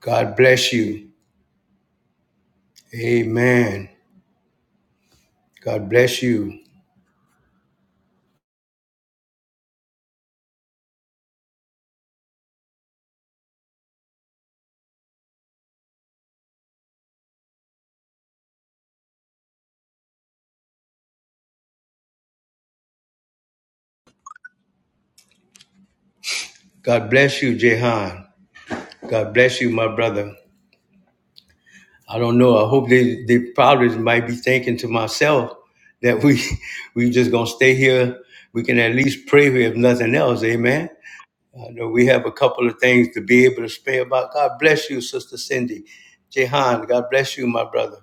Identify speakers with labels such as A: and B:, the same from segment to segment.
A: God bless you. Amen. God bless you. God bless you, Jehan. God bless you, my brother. I don't know. I hope they, they probably might be thinking to myself that we we just gonna stay here. We can at least pray here if nothing else. Amen. I know we have a couple of things to be able to spare about. God bless you, Sister Cindy. Jehan, God bless you, my brother.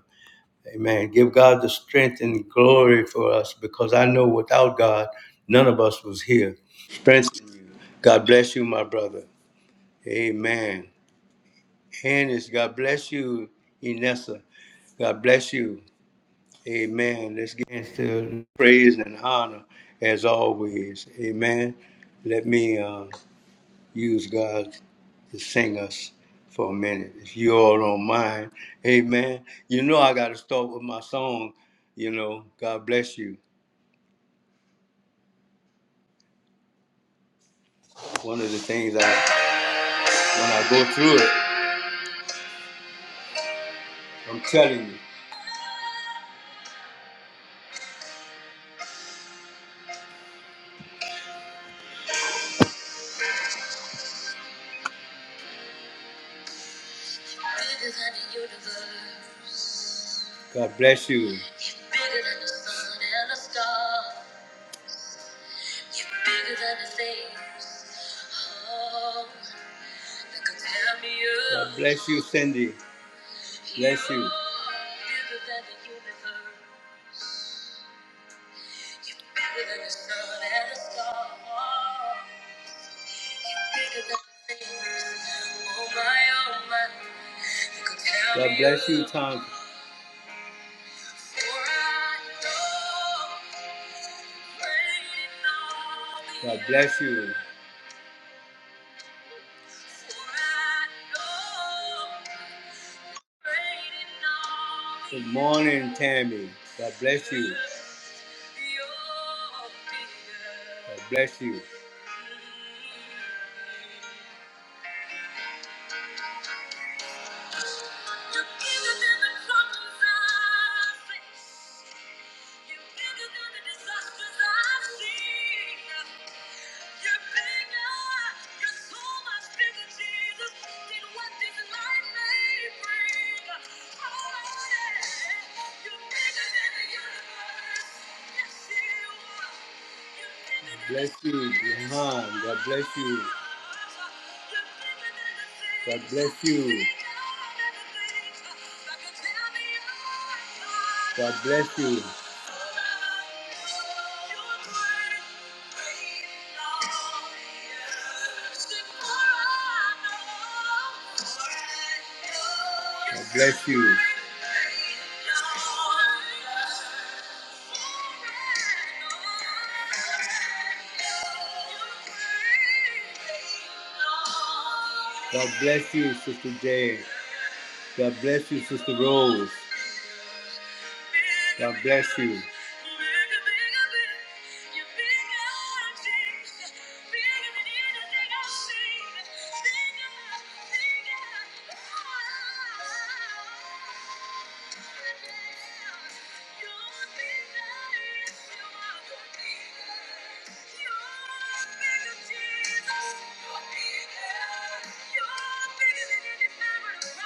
A: Amen. Give God the strength and glory for us because I know without God, none of us was here. Strength God bless you, my brother. Amen. Hannes, God bless you, Inessa. God bless you. Amen. Let's get into praise and honor as always. Amen. Let me uh, use God to sing us for a minute. If you all don't mind. Amen. You know I gotta start with my song, you know, God bless you. One of the things I when I go through it, I'm telling you. Bigger than the universe. God bless you. You're bigger than the sun and the star. You're bigger than the things, oh, that could tear me up. God bless you, Cindy. Bless you. You're bigger than the universe. You're bigger than the sun and the star. You're bigger than the things, oh my, oh my, that could tear me up. God bless you, Tom. For I know, waiting on you. God bless you. Good morning, Tammy. God bless you. God bless you. You're bigger. You're so much bigger, Jesus, than what this life may bring. Oh, yeah. You're bigger than the universe. Yes, you are. You're bigger than Bless you, Johan. God bless you. God bless you. God bless you. God bless you. God bless you, Sister Jane. God bless you, Sister Rose. God bless you. Bigger than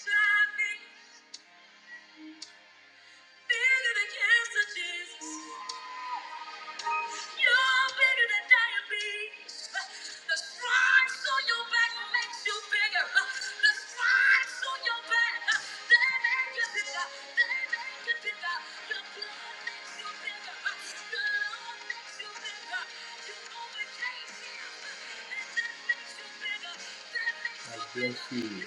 A: HIV, bigger than cancer, Jesus. You're bigger than diabetes. The stripes on your back makes you bigger. The stripes on your back, they make you bigger. They make you bigger. Your blood makes you bigger. Your love makes you bigger. You overcame him, and that makes you bigger. That makes you bigger. Hmm.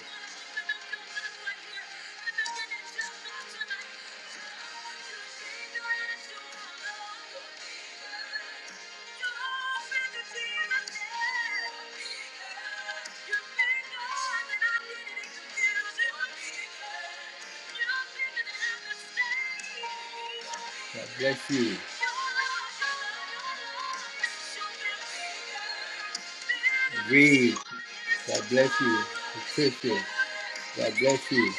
A: God bless you. Read. God bless you. Patricia. God bless you.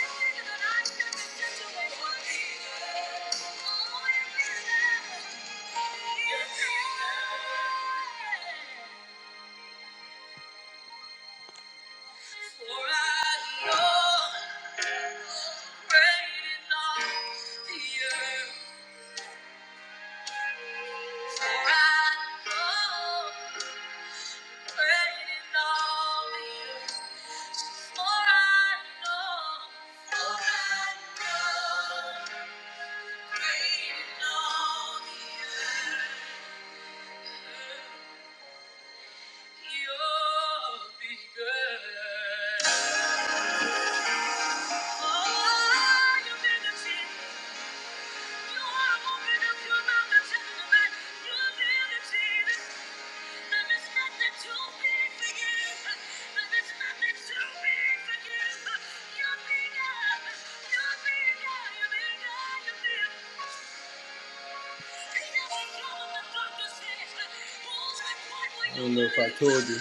A: You're bigger, you're bigger, you're bigger. I don't know if I told you.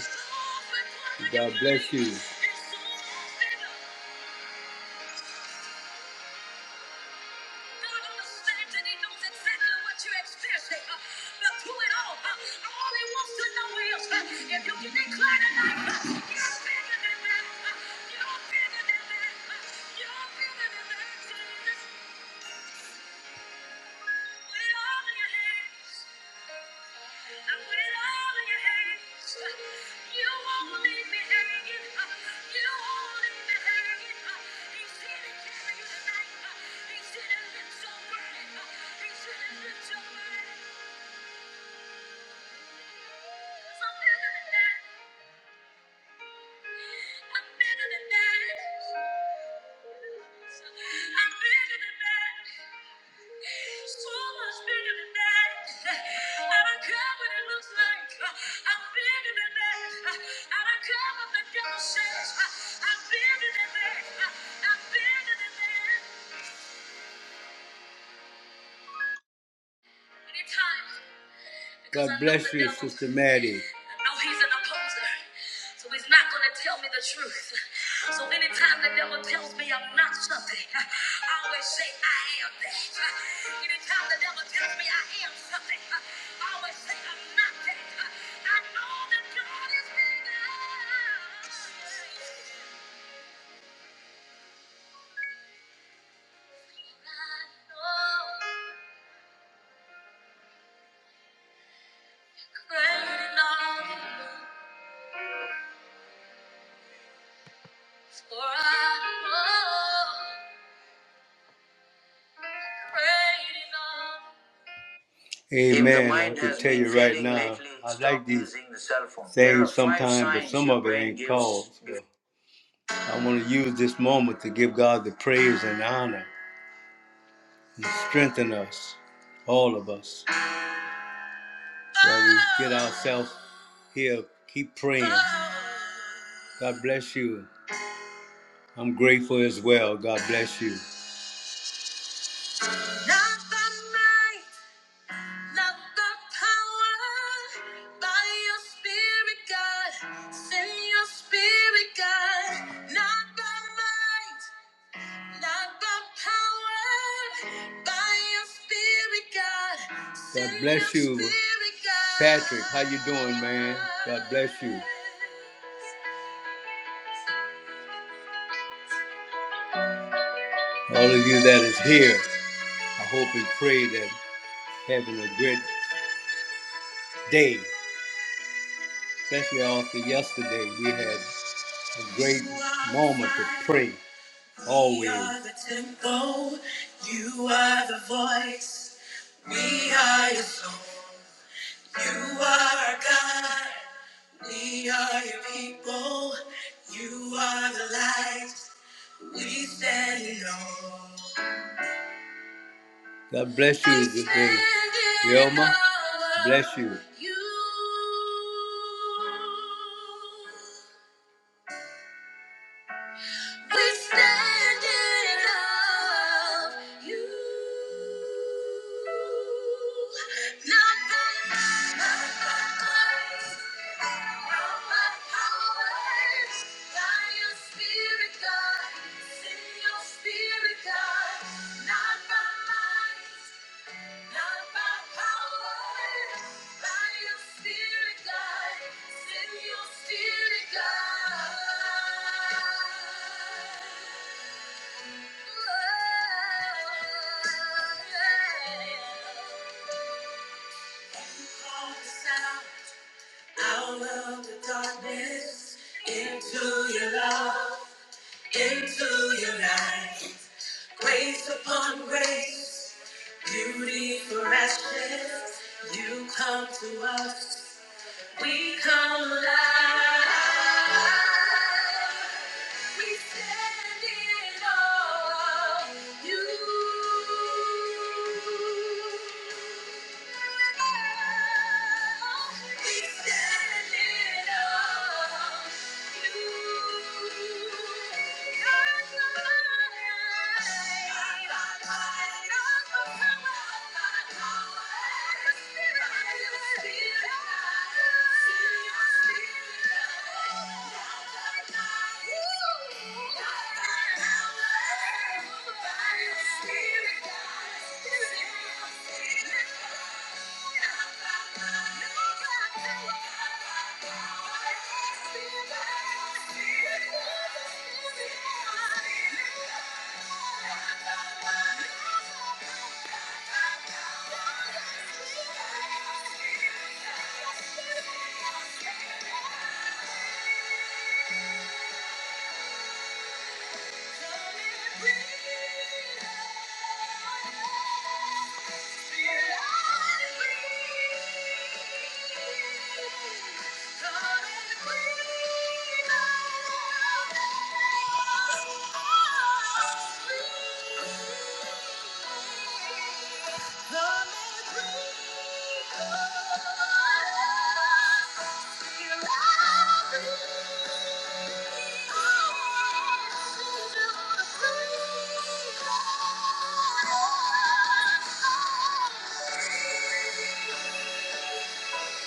A: God bless you. Put it all in your hands. I put it all in your hands. You won't leave me hanging. You won't leave me hanging. He's here to carry you tonight. He's here to lift your burden. He's here to lift your burden. Something like that. I'm better than that. I'm better than that. So much better than that. I don't care what it looks like. uh, I'm better than that. I don't care what the devil says. uh, I'm better than that. I'm better than that. Anytime. God bless you, Sister Maddie. No, he's an opposer. So he's not going to tell me the truth. So anytime the devil tells me I'm not something, I always say I am that. Anytime the devil tells me I am something, I always say I'm not that. I know that God is bigger. I know great in all you do, for I know great in all you do. Amen. I can tell you right now, I like these things sometimes, but some of it ain't called. So I want to use this moment to give God the praise and honor and strengthen us, all of us, while we get ourselves here. Keep praying. God bless you. I'm grateful as well. God bless you. Not the power by your spirit, God. Send your spirit, God. Not the might, not the power by your spirit, God. Send God bless your you, spirit, God. Patrick. How you doing, man? God bless you. All of you that is here, I hope and pray that having a great day, especially after yesterday, we had a great moment to pray. Always. we are the tempo, you are the voice, we are your soul, you are our God, we are your people, you are the light, we stand in awe. God bless you today. Yoma, bless You. We stand in love, you. Not by might, not by might, not by powers. By your spirit, God. Send your spirit, God. Not by might. Not by power, by your spirit, God. Send your spirit, God. Into your love, into your light, grace upon grace, we for ashes. You come to us, we come alive. We stand in awe of you. We stand in awe of you. Your light, your light, your spirit, your spirit. Thank you. Thank you. Thank you.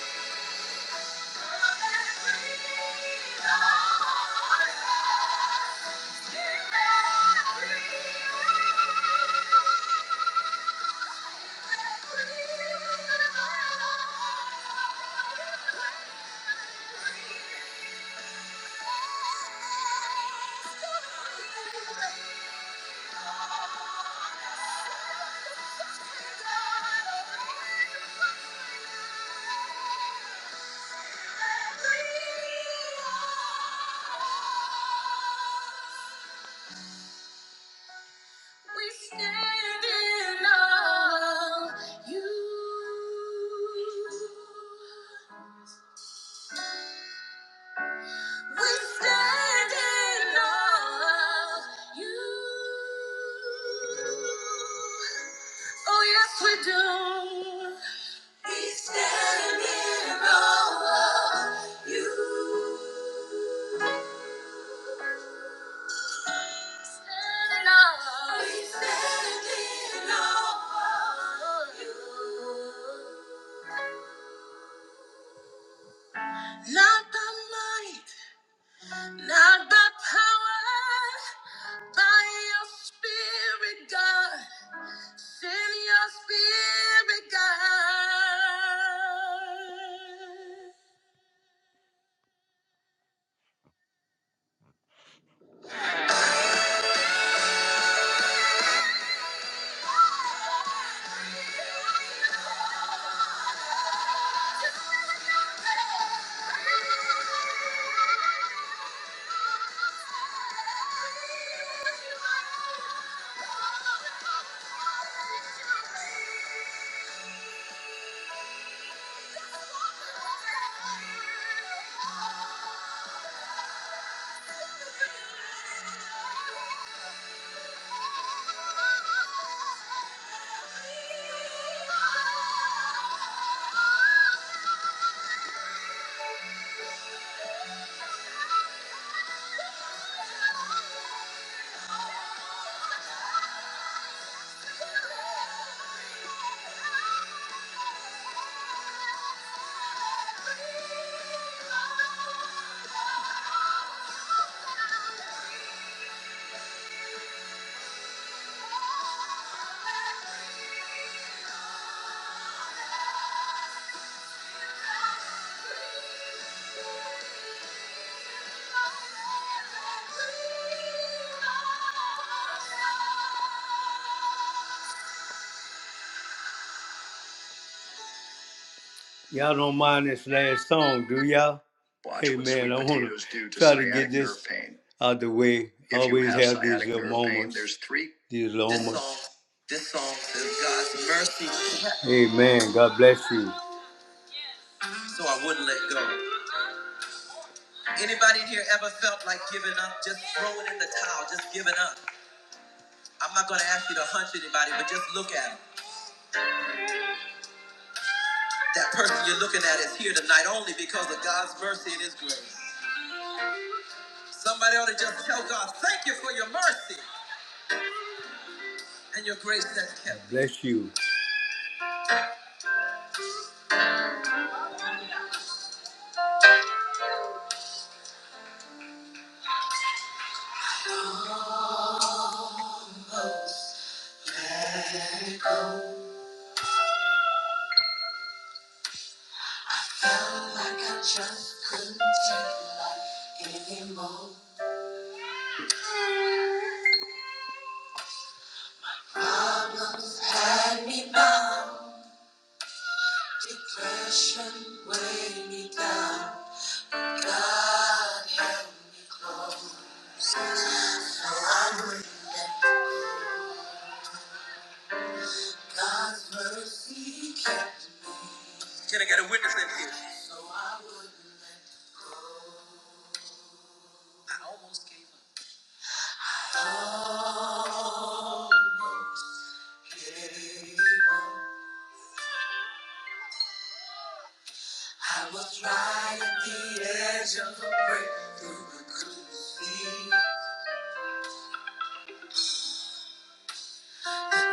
A: Thank you. We stand in awe of you. We stand in awe of you. Oh, yes, we do. We stand in awe of you. Stand in awe. We stand in awe of you. Not the might. Not by power, by your spirit, God. Send your spirit, God. Thank you. Thank you. Y'all don't mind this last song, do y'all? Watch hey man, I want to try to get this pain. out the way. If Always have, have these sciatic little nerve pain, moments. there's three. These little this moments. Song, this song says God's mercy. Amen. God bless you. So I wouldn't let go. Anybody in here ever felt like giving up? Just throwing in the towel, just giving up. I'm not going to ask you to hunch anybody, but just look at them. That person you're looking at is here tonight only because of God's mercy and His grace. Somebody ought to just tell God, thank you for your mercy and your grace that kept. Bless you. Can I get a witness in here? I was right at the edge of a breakthrough, but couldn't see.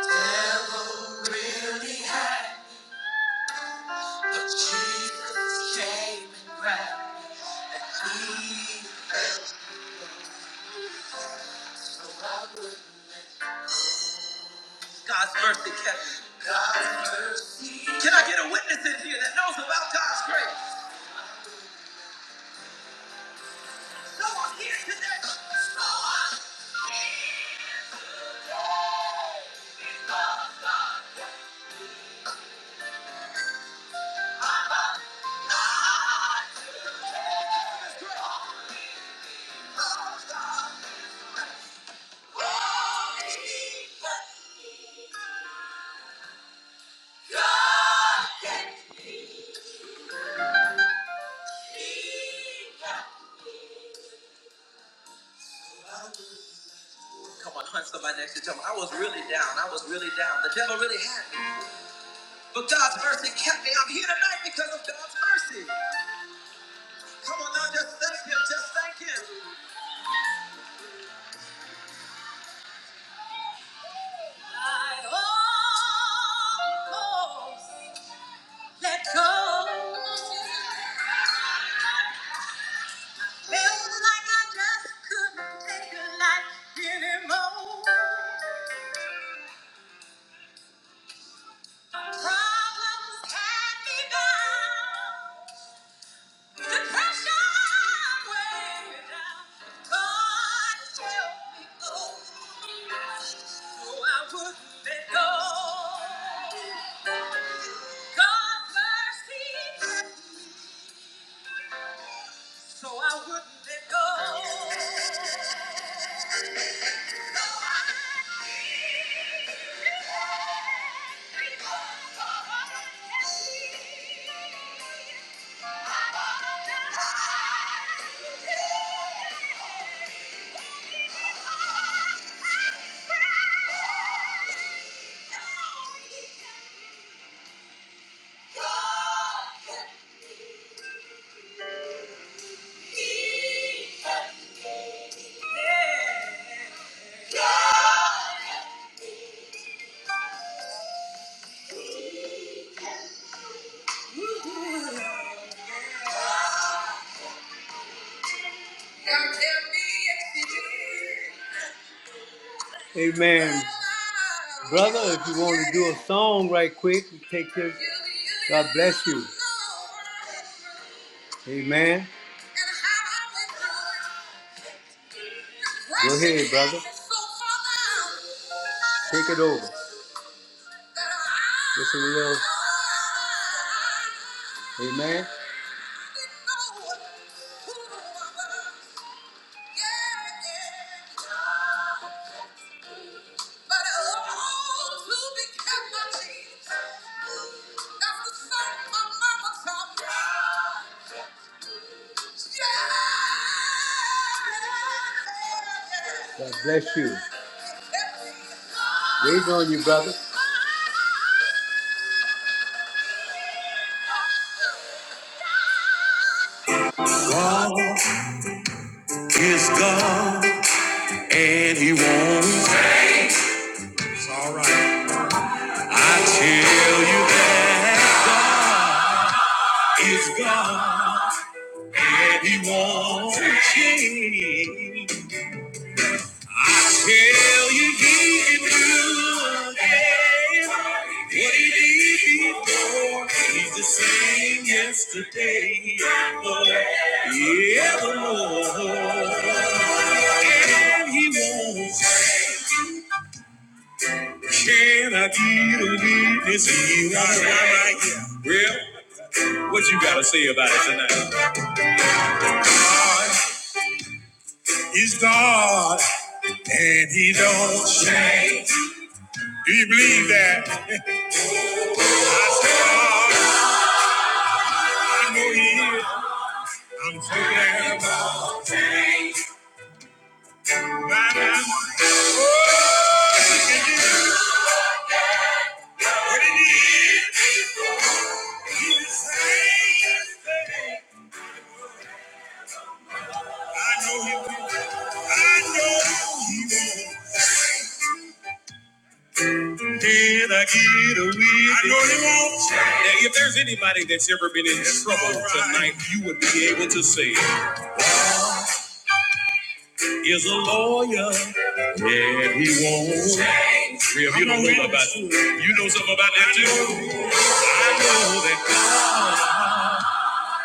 A: Devil really had, but Jesus came and grabbed me. God's mercy kept me. Can I get a witness in here that knows about God's grace? Come on, hunt somebody next to you. Tell 'em, I was really down. I was really down. The devil really had me. But God's mercy kept me. I'm here tonight because of God's mercy. Come on now, just thank Him. Just thank Him. I almost let go. Felt like I just couldn't take a life anymore. Problems had me bound. Depression weighed me down. God help me, oh, so I wouldn't let go. God's mercy, so I wouldn't let go. Amen. Brother, if you want to do a song right quick, you take this. God bless you. Amen. Go ahead, brother. Take it over. Just a little. Amen. God bless you. Wait on you, brother.
B: God is God and he won't. It's all right. I tell you that God is God and he won't change. I tell you he can do again what he did before. He's the same yesterday and forevermore. And he won't Can I be the witness? You are right. Well, what you gotta say about it tonight? God is God, and He don't change. Do you believe that? I know He is. I'm so glad about my life. What it is, He is. I know He will. I know He will Did I get a I know he won't. Now, if there's anybody that's ever been in trouble tonight, you would be able to say is a lawyer. Yeah, he won't. change. Real, you know something know about you know something about that too. I know that God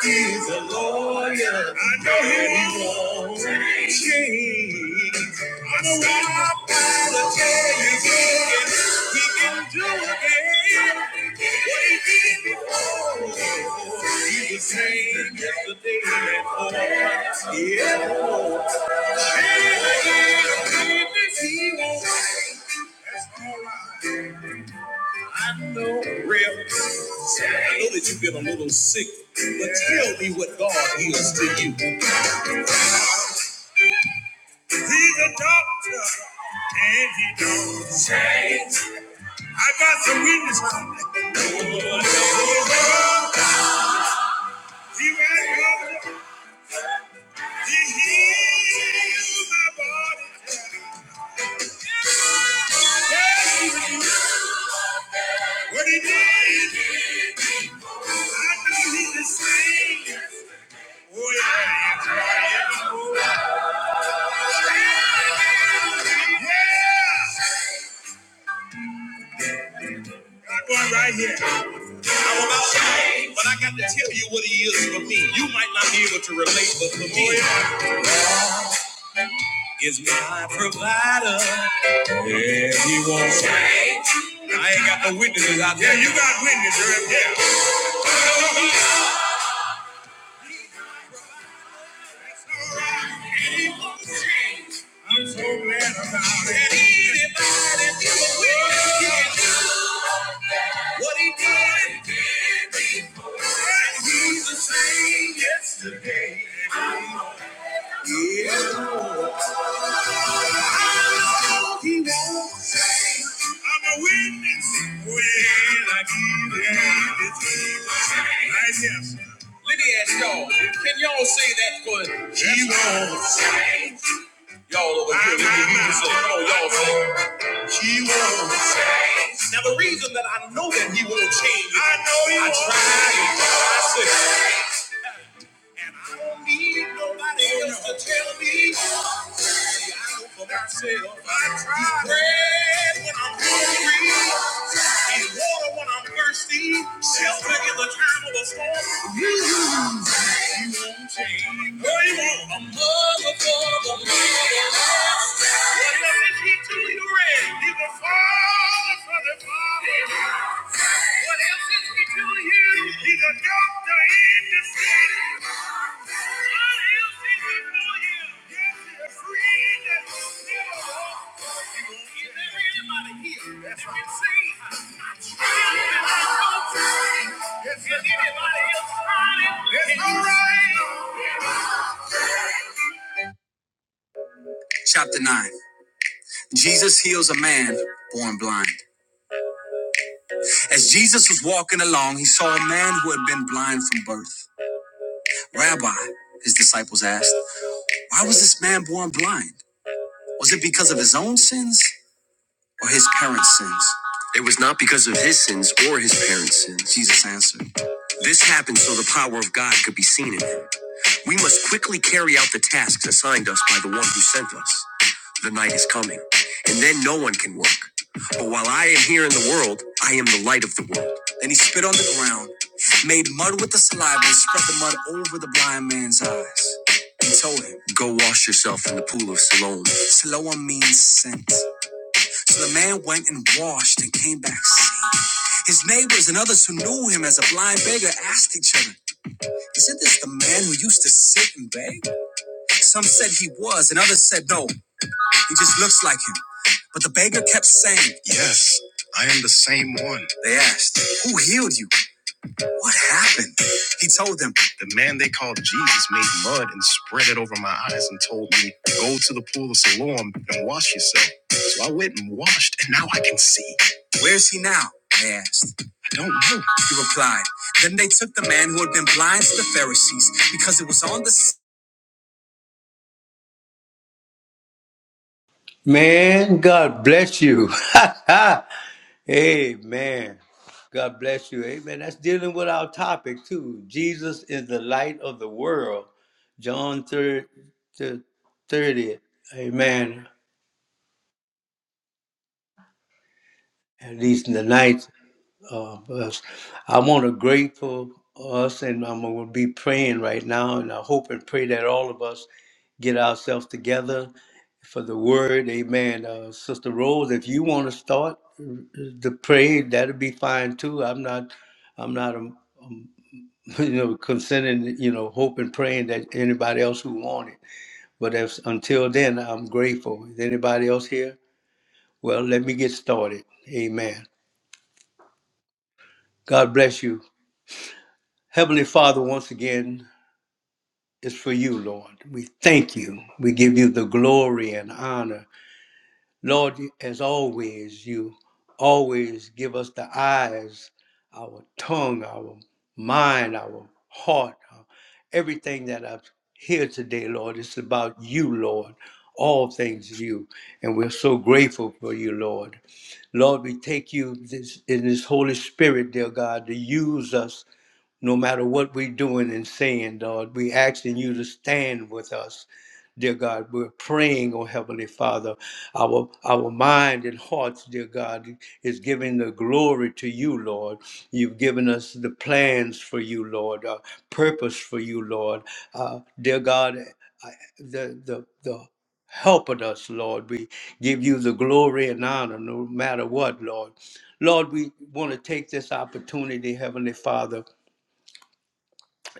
B: is a lawyer. I know he won't change. i know what by the tell He can do again what he did He's the same yesterday and forever. Yeah. He won't no rip. So I know that you've been a little sick, but tell me what God is to you. He's a doctor, and he don't change. I got some witness. He went up, he healed my body. What he did, I know he's the same. Oh yeah, that's that one right here. I'm about change, but I got to tell you what he is for me. You might not be able to relate, but for me, oh, is yeah. he's my provider. Yeah, he won't change. I ain't got no witnesses out there. Yeah, you got witnesses. Yeah. He won't change. I'm so glad about it. anybody give a witness? Can do what he did before? And he's the same yesterday. Yeah. I'm a witness when I give it to yes. Let me ask y'all, can y'all say that good? He won't change. Over come on, y'all say. He won't change. Now the reason that I know that he won't change. I know he I won't tried and tried. it. I said. And I don't need nobody else to tell me. See, I know for myself. I try bread when I'm hungry, and water when I'm thirsty, shelter in the time of a storm. Girl, you want a mother for the What if he too you He's a father for the father. What else is he to you? He's a doctor in the city. What else is he for you? Yes, he's a Chapter 9 Jesus heals a man born blind. As Jesus was walking along, he saw a man who had been blind from birth. Rabbi, his disciples asked, Why was this man born blind? Was it because of his own sins or his parents' sins? It was not because of his sins or his parents' sins. Jesus answered. This happened so the power of God could be seen in him. We must quickly carry out the tasks assigned us by the one who sent us. The night is coming, and then no one can work. But while I am here in the world, I am the light of the world. Then he spit on the ground, made mud with the saliva, and spread the mud over the blind man's eyes. He told him, Go wash yourself in the pool of Siloam. Siloam means sent. The man went and washed and came back safe. His neighbors and others who knew him as a blind beggar asked each other, Isn't this the man who used to sit and beg? Some said he was, and others said, No, he just looks like him. But the beggar kept saying, Yes, I am the same one. They asked, Who healed you? What happened? He told them, The man they called Jesus made mud and spread it over my eyes and told me, Go to the pool of Siloam and wash yourself. So I went and washed, and now I can see. Where's he now? They asked. He replied, Then they took the man who had been blind to the Pharisees because it was on the. s-
A: Man, God bless you. Amen. God bless you. Amen. That's dealing with our topic too. Jesus is the light of the world. John 30. 30. Amen. at least in the night. Uh, us. I want to grateful us, and I'm going to be praying right now, and I hope and pray that all of us get ourselves together for the word. Amen. Uh, Sister Rose, if you want to start the pray, that'll be fine too. I'm not, I'm not, um, you know, consenting, you know, hope and praying that anybody else who want it. But if, until then, I'm grateful. Is anybody else here? Well, let me get started. Amen. God bless you. Heavenly Father, once again, is for you, Lord. We thank you. We give you the glory and honor. Lord, as always, you always give us the eyes, our tongue, our mind, our heart, our- everything that I've here today, Lord. It's about you, Lord. All things you. And we're so grateful for you, Lord. Lord, we take you this, in this Holy Spirit, dear God, to use us no matter what we're doing and saying, Lord. we asking you to stand with us, dear God. We're praying, oh Heavenly Father. Our our mind and hearts, dear God, is giving the glory to you, Lord. You've given us the plans for you, Lord, uh, purpose for you, Lord. Uh, dear God, I, the the the helping us, Lord. We give you the glory and honor no matter what, Lord. Lord, we want to take this opportunity, Heavenly Father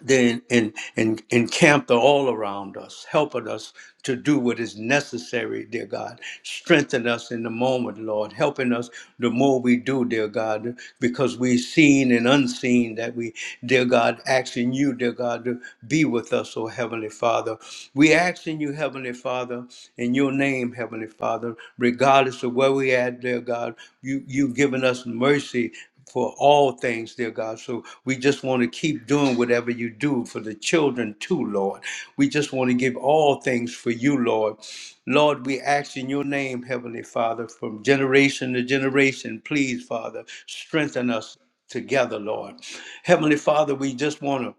A: then en- en- encamped all around us, helping us to do what is necessary, dear God. Strengthen us in the moment, Lord, helping us the more we do, dear God, because we've seen and unseen that we, dear God, asking you, dear God, to be with us, oh Heavenly Father. We asking you, Heavenly Father, in your name, Heavenly Father, regardless of where we at, dear God, you, you've given us mercy for all things, dear God. So we just want to keep doing whatever you do for the children too, Lord. We just want to give all things for you, Lord. Lord, we ask in your name, Heavenly Father, from generation to generation, please, Father, strengthen us together, Lord. Heavenly Father, we just want to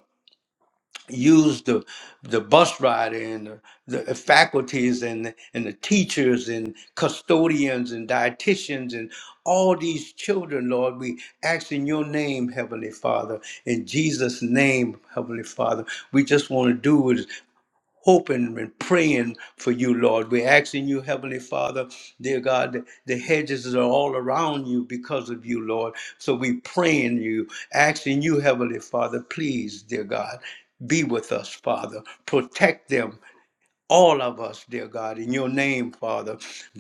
A: use the the bus rider and the, the faculties and the, and the teachers and custodians and dietitians and all these children lord we ask in your name heavenly father in jesus name heavenly father we just want to do it hoping and praying for you, Lord. We're asking you, Heavenly Father, dear God, that the hedges are all around you because of you, Lord. So we praying you, asking you, Heavenly Father, please, dear God, be with us, Father. Protect them all of us, dear God, in your name, Father,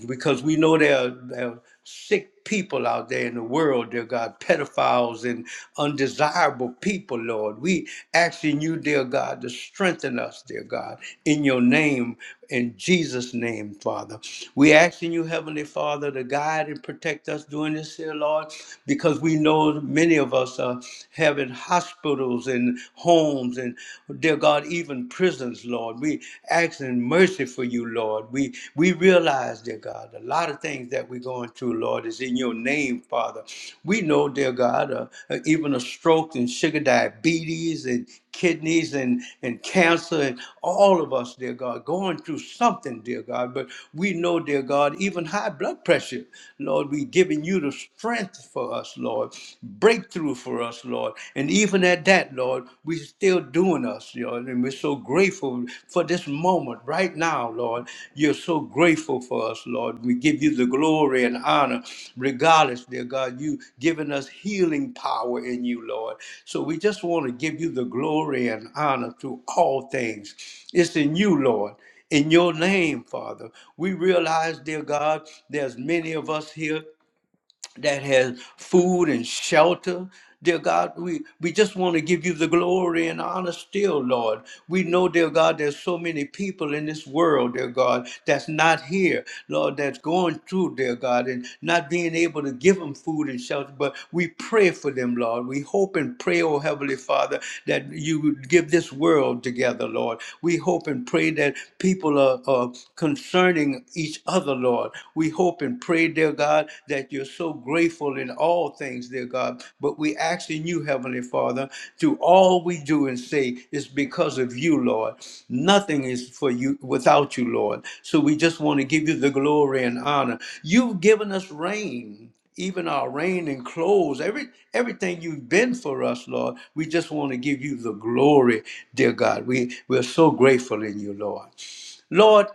A: because we know there are, there are sick people out there in the world, dear God, pedophiles and undesirable people, Lord. We asking you, dear God, to strengthen us, dear God, in your name, in Jesus' name, Father. We asking you, Heavenly Father, to guide and protect us during this here, Lord, because we know many of us are having hospitals and homes and and dear God, even prisons, Lord. We asking mercy for you, Lord. We we realize, dear God, a lot of things that we're going through, Lord, is in your name, Father. We know, dear God, uh, uh, even a stroke and sugar diabetes and kidneys and, and cancer and all of us, dear God, going through something, dear God. But we know, dear God, even high blood pressure, Lord, we giving you the strength for us, Lord. Breakthroughs, through for us, Lord. And even at that, Lord, we're still doing us, Lord. And we're so grateful for this moment right now, Lord. You're so grateful for us, Lord. We give you the glory and honor, regardless, dear God. You have given us healing power in you, Lord. So we just want to give you the glory and honor through all things. It's in you, Lord in your name, Father. We realize, dear God, there's many of us here that has food and shelter. Dear God, we, we just want to give you the glory and honor still, Lord. We know, dear God, there's so many people in this world, dear God, that's not here, Lord, that's going through, dear God, and not being able to give them food and shelter. But we pray for them, Lord. We hope and pray, oh Heavenly Father, that you would give this world together, Lord. We hope and pray that people are, are concerning each other, Lord. Lord. We hope and pray, dear God, that you're so grateful in all things, dear God. But we ask in you, Heavenly Father, to all we do and say is because of you, Lord. Nothing is for you without you, Lord. So we just want to give you the glory and honor. You've given us rain even our rain and clothes, every everything you've been for us, Lord. We just want to give you the glory, dear God. We we're so grateful in you, Lord. Lord,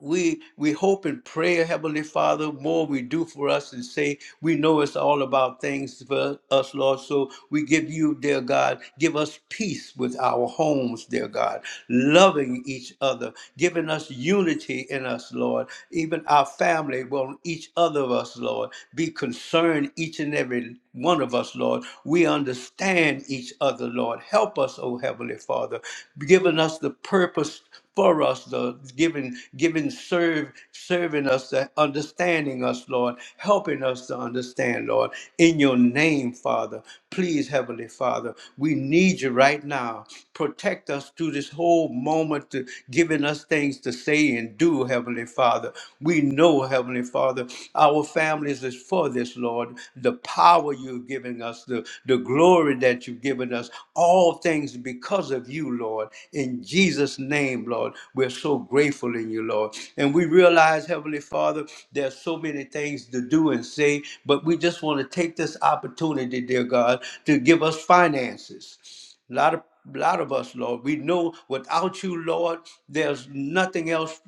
A: we we hope and pray, Heavenly Father, more we do for us and say, we know it's all about things for us, Lord. So we give you, dear God, give us peace with our homes, dear God, loving each other, giving us unity in us, Lord. Even our family, well, each other of us, Lord, be concerned, each and every one of us, Lord. We understand each other, Lord. Help us, O Heavenly Father, giving us the purpose for us, the giving, giving, serve, serving us, the understanding us, Lord, helping us to understand, Lord. In your name, Father, please, Heavenly Father, we need you right now. Protect us through this whole moment, to giving us things to say and do, Heavenly Father. We know, Heavenly Father, our families is for this, Lord. The power you're giving us, the the glory that morning that you've given us. All things because of you, Lord. In Jesus' name, Lord, we're so grateful in you, Lord. And we realize, Heavenly Father, there's so many things to do and say, but we just want to take this opportunity, dear God, to give us finances. A lot of lot of us, Lord, we know without you, Lord, there's nothing else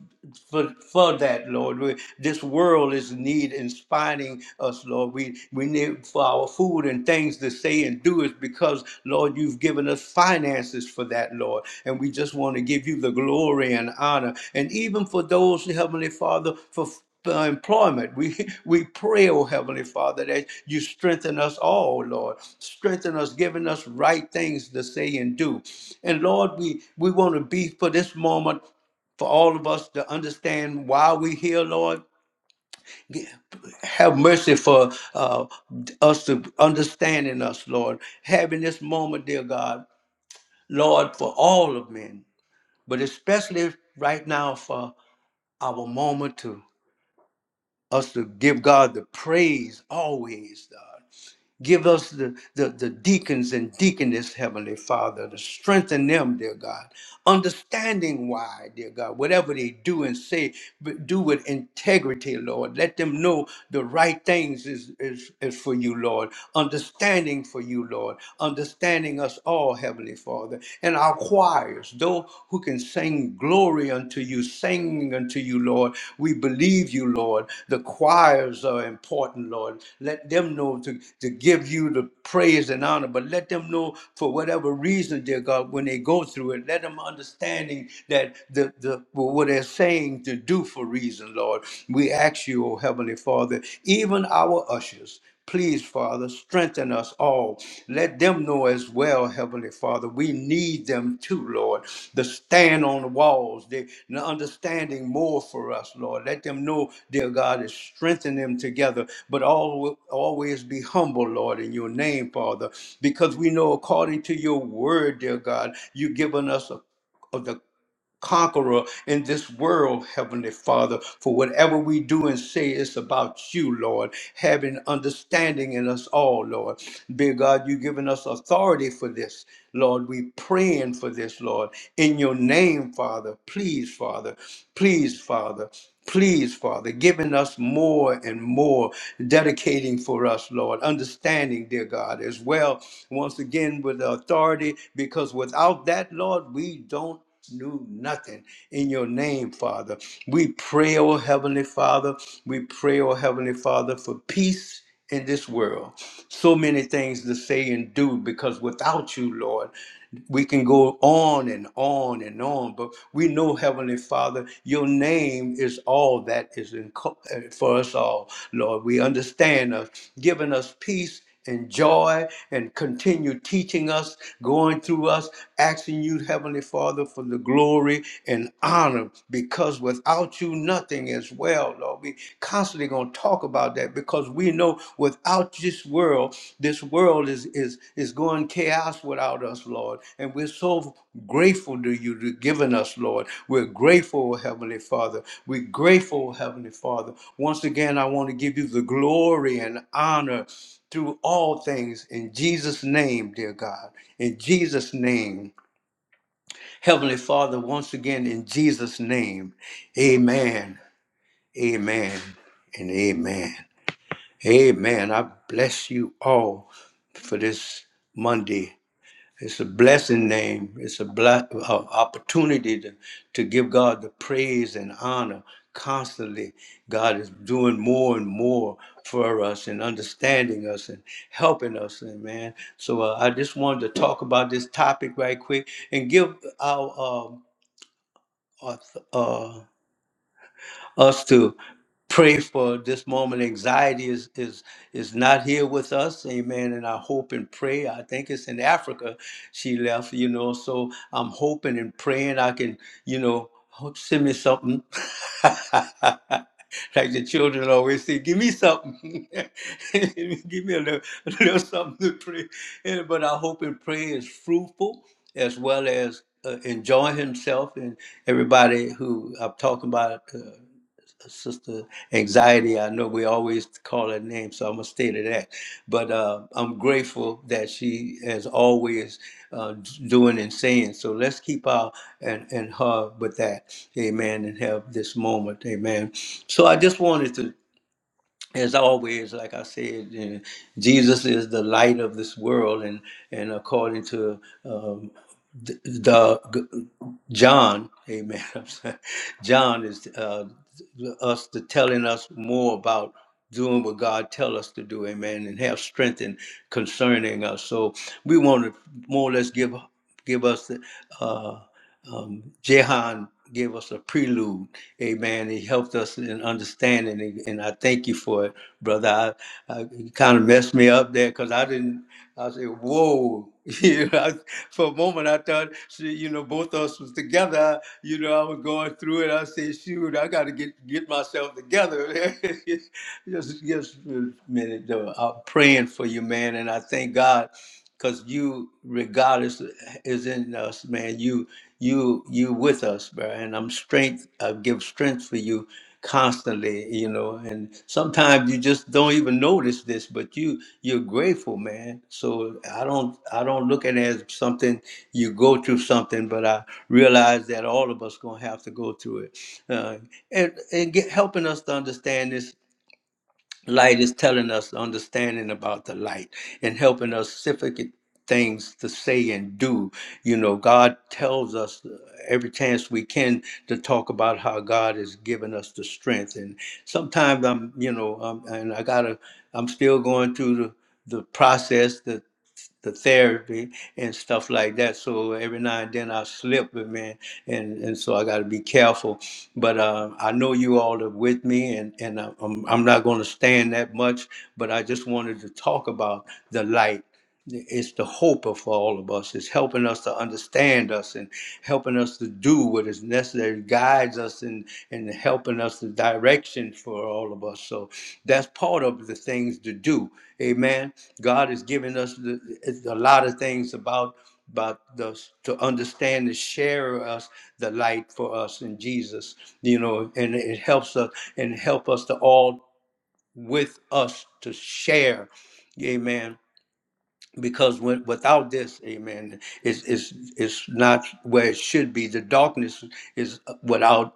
A: for, for that, Lord. We, this world is in need inspiring us, Lord. We we need for our food and things to say and do is because, Lord, you've given us finances for that, Lord. And we just want to give you the glory and honor. And even for those, Heavenly Father, for for employment. We we pray, oh Heavenly Father, that you strengthen us all, Lord. Strengthen us, giving us right things to say and do. And Lord, we, we want to be for this moment for all of us to understand why we're here, Lord. Have mercy for uh, us to understanding us, Lord. Having this moment, dear God, Lord, for all of men, but especially right now for our moment to us to give God the praise always, God. Give us the, the, the deacons and deaconess, Heavenly Father, to strengthen them, dear God. Understanding why, dear God, whatever they do and say, but do with integrity, Lord. Let them know the right things is, is, is for you, Lord. Understanding for you, Lord. Understanding us all, Heavenly Father. And our choirs, those who can sing sing glory unto you, singing unto you, Lord. We believe you, Lord. The choirs are important, Lord. Let them know to, to give you the praise and honor, but let them know for whatever reason, dear God, when they go through it, let them understanding that the, the what they're saying to do for reason, Lord. We ask you, oh Heavenly Father, even our ushers. Please, Father, strengthen us all. Let them know as well, Heavenly Father. We need them too, Lord. The stand on the walls, the, the understanding more for us, Lord. Let them know, dear God, is strengthen them together, but all, always be humble, Lord, in your name, Father, because we know according to your word, dear God, you've given us a of the conqueror in this world, Heavenly Father. For whatever we do and say is about you, Lord, having understanding in us all, Lord. Dear God, you've given us authority for this, Lord. We praying for this, Lord. In your name, Father, please, Father, please, Father. Please, Father, giving us more and more, dedicating for us, Lord, understanding, dear God, as well, once again, with the authority, because without that, Lord, we don't knew nothing in your name, Father. We pray, oh Heavenly Father, we pray, oh Heavenly Father, for peace in this world. So many things to say and do because without you, Lord, we can go on and on and on, but we know, Heavenly Father, your name is all that is in co- uh, for us all, Lord. We understand us, giving us peace and joy and continue teaching us, going through us, asking you, Heavenly Father, for the glory and honor because without you, nothing is well, Lord. We constantly going to talk about that because we know without this world, this world is, is, is going chaos without us, Lord. And we're so grateful to you to giving us, Lord. We're grateful, Heavenly Father. We're grateful, Heavenly Father. Once again, I want to give you the glory and honor through all things in Jesus' name, dear God. In Jesus' name. Heavenly Father, once again, in Jesus' name. Amen. Amen. And amen. Amen. I bless you all for this Monday. It's a blessing name. It's a bla- uh, opportunity to, to give God the praise and honor constantly. God is doing more and more for us and understanding us and helping us. And man, so uh, I just wanted to talk about this topic right quick and give our uh, uh, us to pray for this moment. Anxiety is is is not here with us, amen. And I hope and pray. I think it's in Africa she left, you know. So I'm hoping and praying I can, you know, hope send me something. Like the children always say, give me something. give me a little, a little something to pray. And, but I hope and pray is fruitful as well as uh, enjoying himself and everybody who I'm talking about. uh, Sister Anxiety. I know we always call her name, so I'm gonna stay to that. But uh, I'm grateful that she is always uh, doing and saying. So let's keep our and and her with that. Amen. And have this moment. Amen. So I just wanted to as always, like I said, you know, Jesus is the light of this world, and and according to um, the, the John, Amen. I'm sorry. John is uh, us to telling us more about doing what God tell us to do, Amen, and have strength in concerning us. So we want to more or less give give us the. uh, um, Jehan gave us a prelude. Amen. He helped us in understanding, and and I thank you for it, brother. I, I you kind of messed me up there because I didn't. I said, "Whoa." You know, I- for a moment, I thought, see, you know, both of us was together. You know, I was going through it. I said, "Shoot, I got to get get myself together." just, just a minute, though. I'm praying for you, man, and I thank God because you regardless is in us man you you you with us bro and i'm strength i give strength for you constantly you know and sometimes you just don't even notice this but you you're grateful man so i don't i don't look at it as something you go through something but i realize that all of us gonna have to go through it uh, and and get, helping us to understand this Light is telling us understanding about the light and helping us specific things to say and do. You know, God tells us every chance we can to talk about how God has given us the strength. And sometimes I'm, you know, um, and I gotta, I'm still going through the, the process that the therapy and stuff like that. So every now and then I slip, but man, and and so I got to be careful. But uh, I know you all are with me, and and I- I'm I'm not going to stand that much. But I just wanted to talk about the light. It's the hope of all of us. It's helping us to understand us and helping us to do what is necessary guides us in in helping us the direction for all of us so that's part of the things to do amen god has given us the, a lot of things about about us to understand and share us the light for us in jesus you know and it helps us and help us to all with us to share amen because when, without this amen it's, it's it's not where it should be the darkness is without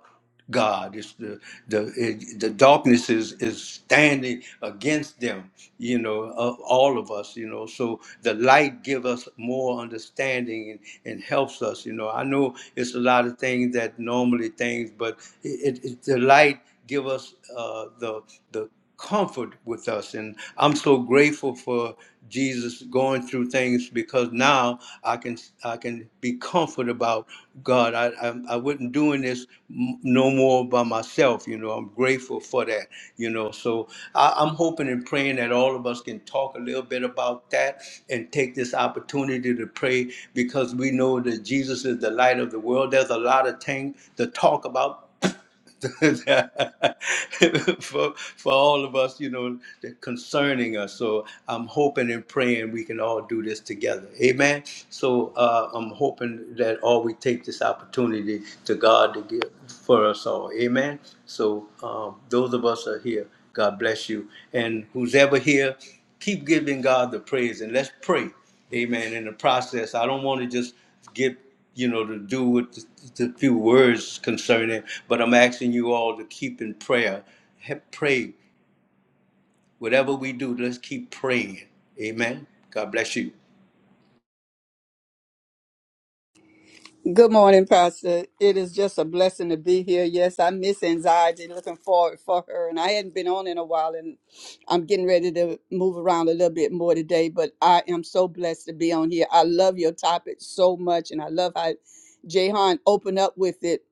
A: god it's the the it, the darkness is is standing against them you know of all of us you know so the light give us more understanding and, and helps us you know i know it's a lot of things that normally things but it, it, it the light give us uh the the comfort with us. And I'm so grateful for Jesus going through things because now I can I can be comforted about God. I I, I wasn't doing this m- no more by myself. You know, I'm grateful for that. You know, so I, I'm hoping and praying that all of us can talk a little bit about that and take this opportunity to pray because we know that Jesus is the light of the world. There's a lot of things to talk about for, for all of us, you know, that concerning us. So I'm hoping and praying we can all do this together. Amen. So uh, I'm hoping that all we take this opportunity to God to give for us all. Amen. So um, those of us are here, God bless you. And who's ever here, keep giving God the praise and let's pray. Amen. In the process, I don't want to just get you know, to do with the, the few words concerning, but I'm asking you all to keep in prayer. Have, pray. Whatever we do, let's keep praying. Amen. God bless you.
C: Good morning, Pastor. It is just a blessing to be here. Yes, I miss anxiety. Looking forward for her, and I hadn't been on in a while, and I'm getting ready to move around a little bit more today. But I am so blessed to be on here. I love your topic so much, and I love how Jahan opened up with it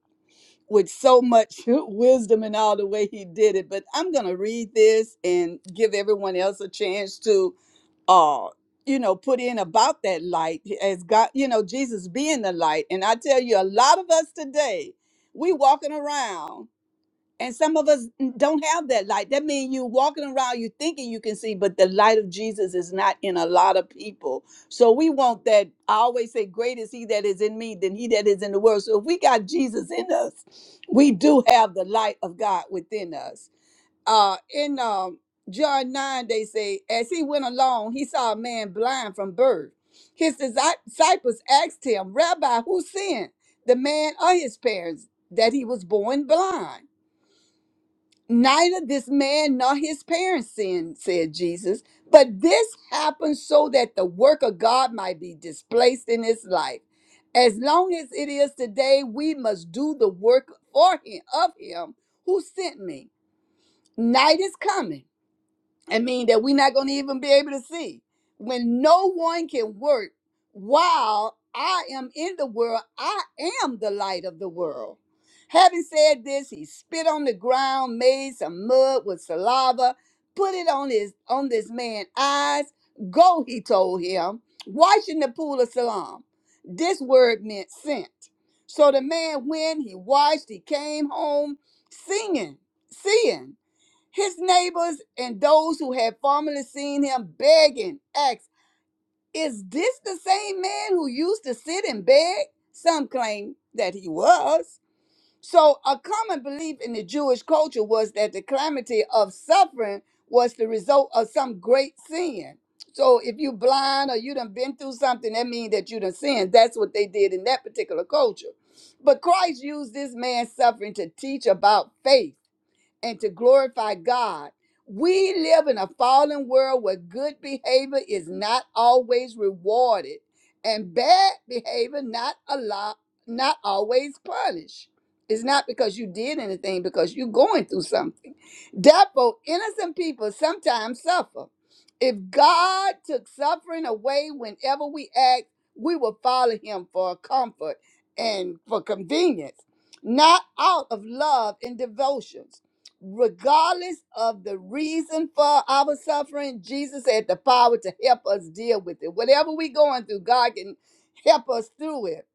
C: with so much wisdom and all the way he did it. But I'm gonna read this and give everyone else a chance to uh you know put in about that light as god you know jesus being the light and i tell you a lot of us today we walking around and some of us don't have that light that means you walking around you thinking you can see but the light of jesus is not in a lot of people so we want that i always say great is he that is in me than he that is in the world so if we got jesus in us we do have the light of god within us uh in um John 9 they say as he went along he saw a man blind from birth his disi- disciples asked him rabbi who sinned the man or his parents that he was born blind neither this man nor his parents sinned said jesus but this happened so that the work of god might be displaced in his life as long as it is today we must do the work for him of him who sent me night is coming I mean that we're not going to even be able to see. When no one can work while I am in the world, I am the light of the world. Having said this, he spit on the ground, made some mud with saliva, put it on his on this man's eyes. Go, he told him, wash in the pool of Siloam. This word meant sent. So the man went, he washed, he came home singing, seeing. His neighbors and those who had formerly seen him begging asked, Is this the same man who used to sit and beg? Some claim that he was. So, a common belief in the Jewish culture was that the calamity of suffering was the result of some great sin. So, if you blind or you done been through something, that means that you done sinned. That's what they did in that particular culture. But Christ used this man's suffering to teach about faith and to glorify God. We live in a fallen world where good behavior is not always rewarded and bad behavior not a lot, not always punished. It's not because you did anything, because you're going through something. Therefore, innocent people sometimes suffer. If God took suffering away whenever we act, we will follow him for comfort and for convenience, not out of love and devotions regardless of the reason for our suffering, Jesus had the power to help us deal with it. Whatever we're going through, God can help us through it.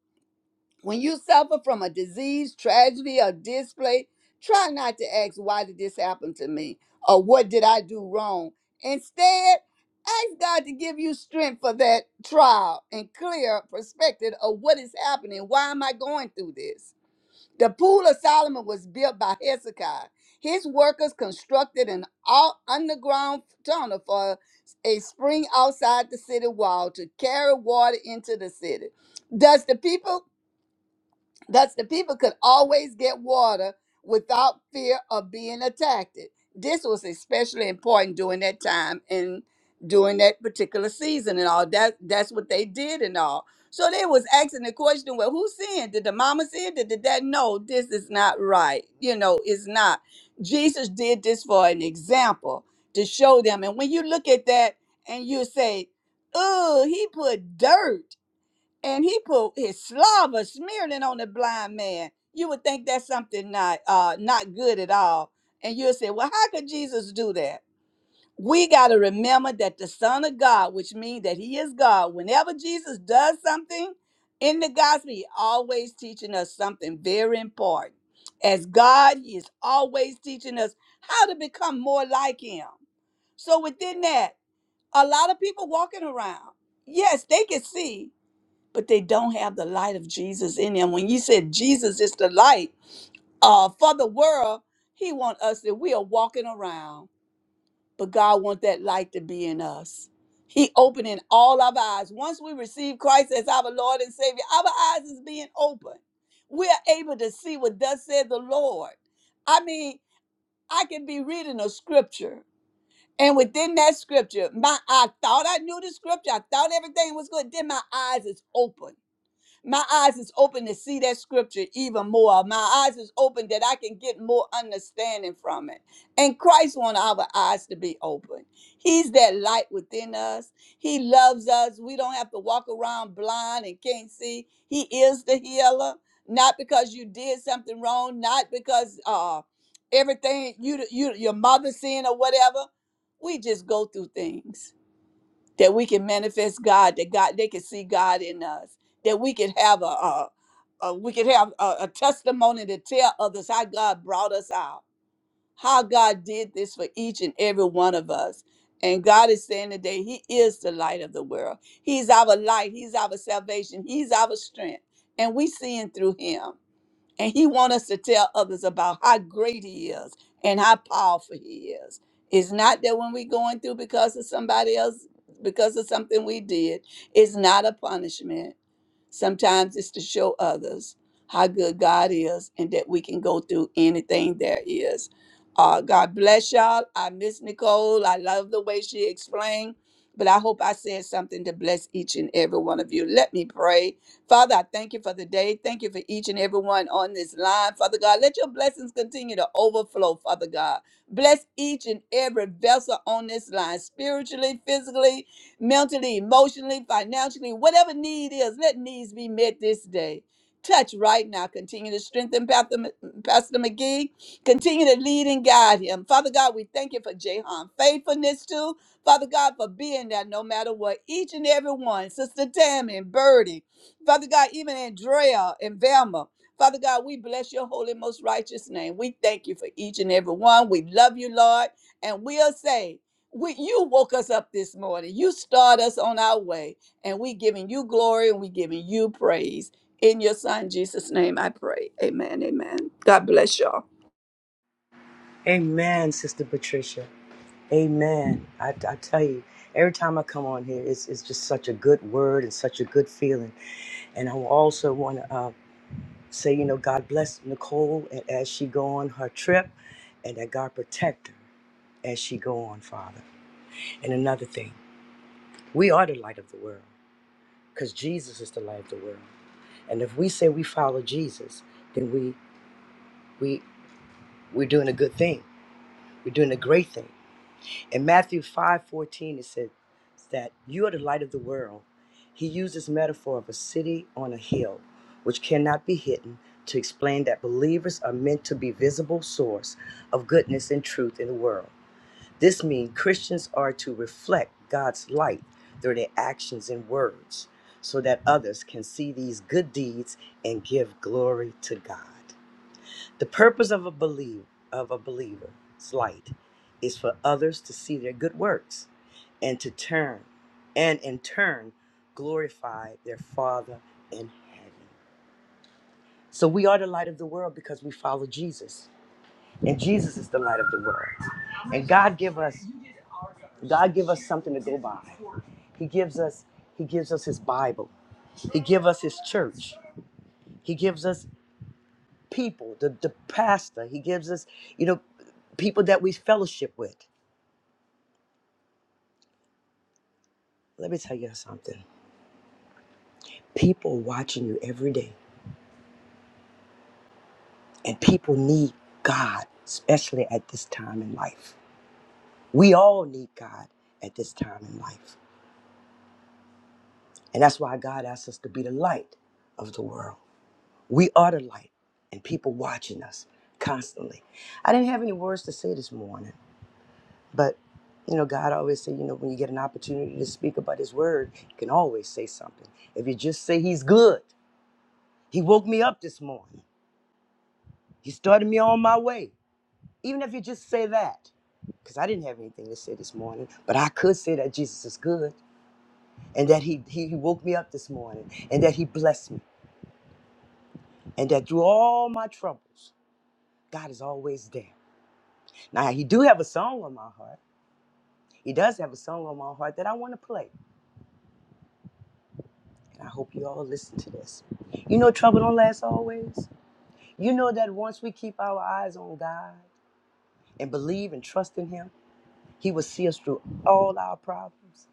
C: When you suffer from a disease, tragedy, or display, try not to ask, Why did this happen to me? or What did I do wrong? Instead, ask God to give you strength for that trial and clear perspective of what is happening. Why am I going through this? The Pool of Solomon was built by Hezekiah. His workers constructed an out- underground tunnel for a spring outside the city wall to carry water into the city. Does the people? Thus, the people could always get water without fear of being attacked. This was especially important during that time and during that particular season and all. That that's what they did and all. So they was asking the question, well, who sinned? Did the mama sin? Did the dad? No, this is not right. You know, it's not. Jesus did this for an example to show them. And when you look at that and you say, oh, he put dirt and he put his slobber smearing on the blind man. You would think that's something not uh not good at all. And you'll say, Well, how could Jesus do that? We gotta remember that the Son of God, which means that He is God, whenever Jesus does something in the gospel, He always teaching us something very important. As God, He is always teaching us how to become more like Him. So within that, a lot of people walking around, yes, they can see but they don't have the light of Jesus in them. When you said Jesus is the light uh, for the world, He want us that we are walking around, but God want that light to be in us. He opening all our eyes. Once we receive Christ as our Lord and Savior, our eyes is being open. We are able to see what thus said the Lord. I mean, I can be reading a scripture, and within that scripture, my I thought I knew the scripture. I thought everything was good. Then my eyes is open my eyes is open to see that scripture even more. My eyes is open that I can get more understanding from it. And Christ want our eyes to be open. He's that light within us. He loves us. We don't have to walk around blind and can't see. He is the healer. Not because you did something wrong, not because uh everything you you your mother sin or whatever. We just go through things that we can manifest God, that God they can see God in us, that we can have a, a, a we can have a, a testimony to tell others how God brought us out, how God did this for each and every one of us. And God is saying today, He is the light of the world. He's our light. He's our salvation. He's our strength. And we seeing through Him and he wants us to tell others about how great he is and how powerful he is it's not that when we're going through because of somebody else because of something we did it's not a punishment sometimes it's to show others how good god is and that we can go through anything there is uh, god bless y'all i miss nicole i love the way she explained but i hope i said something to bless each and every one of you let me pray Father, I thank you for the day. Thank you for each and every one on this line. Father God, let your blessings continue to overflow, Father God. Bless each and every vessel on this line, spiritually, physically, mentally, emotionally, financially, whatever need is, let needs be met this day. Touch right now. Continue to strengthen Pastor Pastor McGee. Continue to lead and guide him. Father God, we thank you for Jahan faithfulness too. Father God, for being there no matter what. Each and every one, Sister Tammy, Birdie, Father God, even Andrea and Velma. Father God, we bless your holy, most righteous name. We thank you for each and every one. We love you, Lord. And we'll say, we, you woke us up this morning. You start us on our way. And we giving you glory and we giving you praise. In your son Jesus' name I pray. Amen. Amen. God bless y'all.
D: Amen, Sister Patricia. Amen. I, I tell you, every time I come on here, it's, it's just such a good word and such a good feeling. And I also want to uh, say, you know, God bless Nicole and as she go on her trip, and that God protect her as she go on, Father. And another thing, we are the light of the world because Jesus is the light of the world. And if we say we follow Jesus, then we we we're doing a good thing. We're doing a great thing. In Matthew 5:14 it says that you are the light of the world. He uses metaphor of a city on a hill which cannot be hidden to explain that believers are meant to be visible source of goodness and truth in the world. This means Christians are to reflect God's light through their actions and words so that others can see these good deeds and give glory to God. The purpose of a believer of a believer's light is for others to see their good works and to turn and in turn glorify their Father in heaven. So we are the light of the world because we follow Jesus. And Jesus is the light of the world. And God give us God give us something to go by. He gives us He gives us his Bible. He gives us his church. He gives us people, the, the pastor. He gives us, you know, people that we fellowship with. Let me tell you something. People watching you every day, and people need God, especially at this time in life. We all need God at this time in life. And that's why God asks us to be the light of the world. We are the light, and people watching us constantly. I didn't have any words to say this morning But you know, God always said, you know, when you get an opportunity to speak about His Word, you can always say something. If you just say He's good, He woke me up this morning, He started me on my way. Even if you just say that, because I didn't have anything to say this morning, but I could say that Jesus is good, and that He He he woke me up this morning, and that He blessed me, and that through all my troubles, God is always there. Now He do have a song on my heart. He does have a song on my heart that I want to play. I hope you all listen to this. You know, trouble don't last always. You know that once we keep our eyes on God and believe and trust in Him, He will see us through all our problems.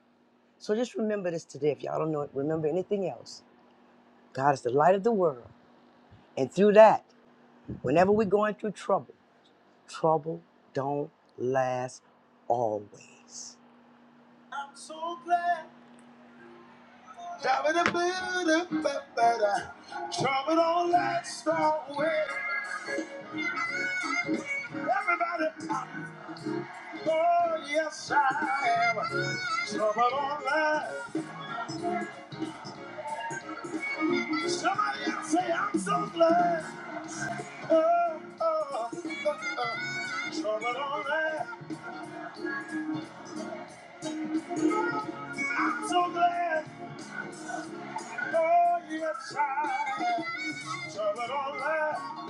D: So just remember this today. If y'all don't know it, remember anything else. God is the light of the world. And through that, whenever we're going through trouble, trouble don't last always. So with everybody, oh yes I am. Trouble don't last. Somebody else say, I'm so glad. Oh, oh, oh, oh. Trouble on that. I'm so glad. Oh, yes, I. Trouble on that.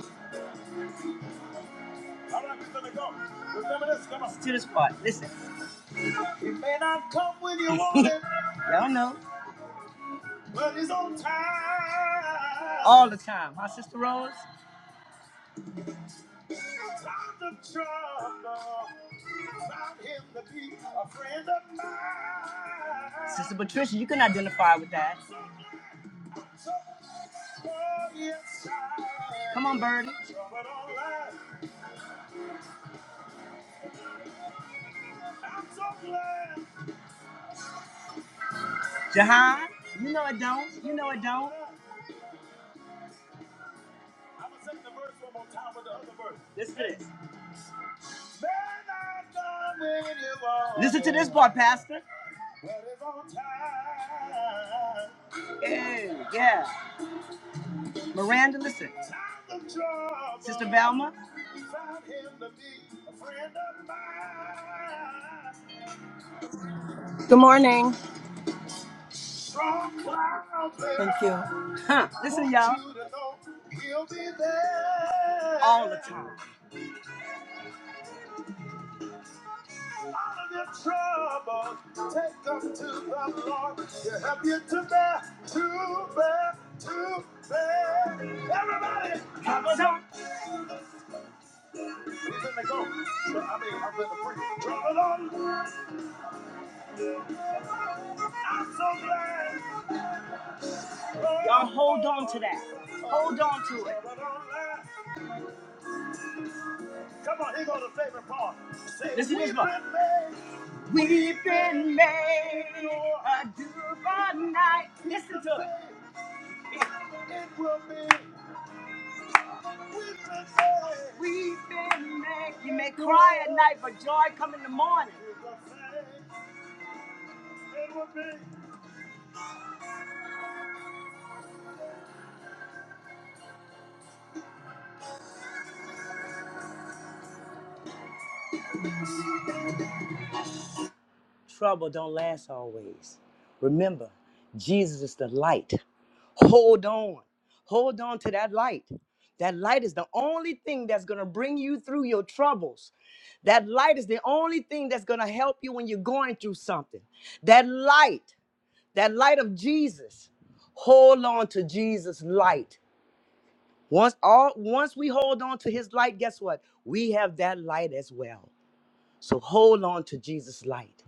D: All right, we're gonna go. Remember this, come on. To the spot, listen. He may not come when you want it. Y'all know. But he's on time. All the time. My sister Rose. Times of trouble, found him to be a friend of mine. Sister Patricia, you can identify with that. Come on, Birdie. Jahan, you know it don't. You know it don't. I'm gonna sing the verse one more time with the other verse. Listen to this. Listen to this part, Pastor. Well, Yeah, yeah. Miranda, listen. Sister Velma.
E: Good morning.
F: Thank you.
D: Huh. Listen, y'all. All the time. Everybody, have a go. I mean, I'm in the free. Drum it on. I'm so glad. Y'all hold on to that. Hold on to it. Come on, here goes the favorite part. Say, Listen to this one. We've been made a divine night. Listen to it. It will be. We've been made. We've been made. You may cry at night, but joy come in the morning. It will be. Trouble don't last always. Remember, Jesus is the light. Hold on. Hold on to that light. That light is the only thing that's going to bring you through your troubles. That light is the only thing that's going to help you when you're going through something. That light, that light of Jesus. Hold on to Jesus' light. Once all once we hold on to his light, guess what? We have that light as well. So hold on to Jesus' light.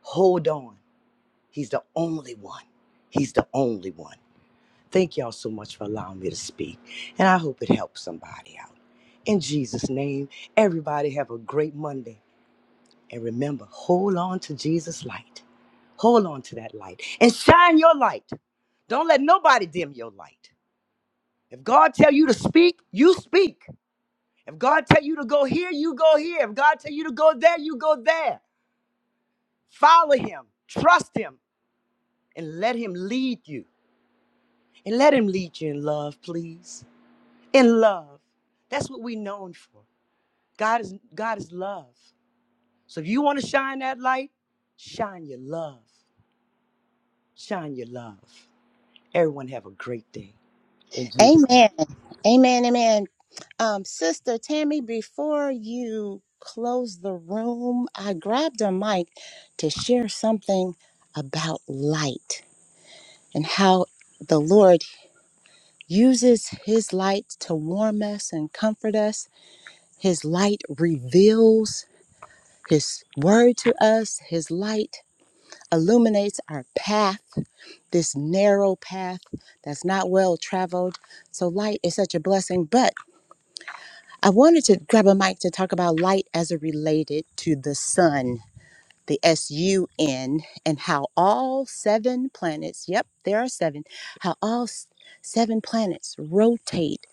D: Hold on. He's the only one. He's the only one. Thank y'all so much for allowing me to speak. And I hope it helps somebody out. In Jesus' name, everybody have a great Monday. And remember, hold on to Jesus' light. Hold on to that light and shine your light. Don't let nobody dim your light. If God tell you to speak, you speak. If God tell you to go here, you go here. If God tell you to go there, you go there. Follow him, trust him, and let him lead you. And let him lead you in love, please. In love. That's what we're known for. God is God is love. So if you want to shine that light, shine your love. Shine your love. Everyone have a great day. In Jesus. name.
E: Amen. Amen. Um, Sammy, before you close the room, I'd like to share something about light and how his light us and comfort us. His light reveals his word to us. His light illuminates our path, this narrow path that's not well traveled. So light is such a blessing. But I wanted to grab a mic to talk about light as it related to the sun the SUN, and how all seven planets, yep, there are seven, how all s- seven planets rotate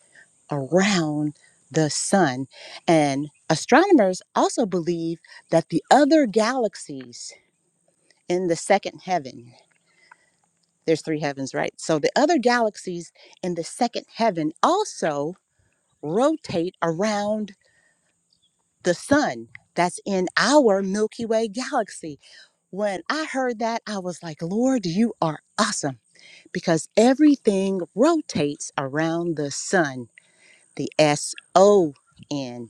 E: around the sun. And astronomers also believe that the other galaxies in the second heaven, there's three heavens, right? So the other galaxies in the second heaven also rotate around the sun that's in our Milky Way galaxy. When I heard that, I was like, Lord, you are awesome because everything rotates around the sun, the S O N.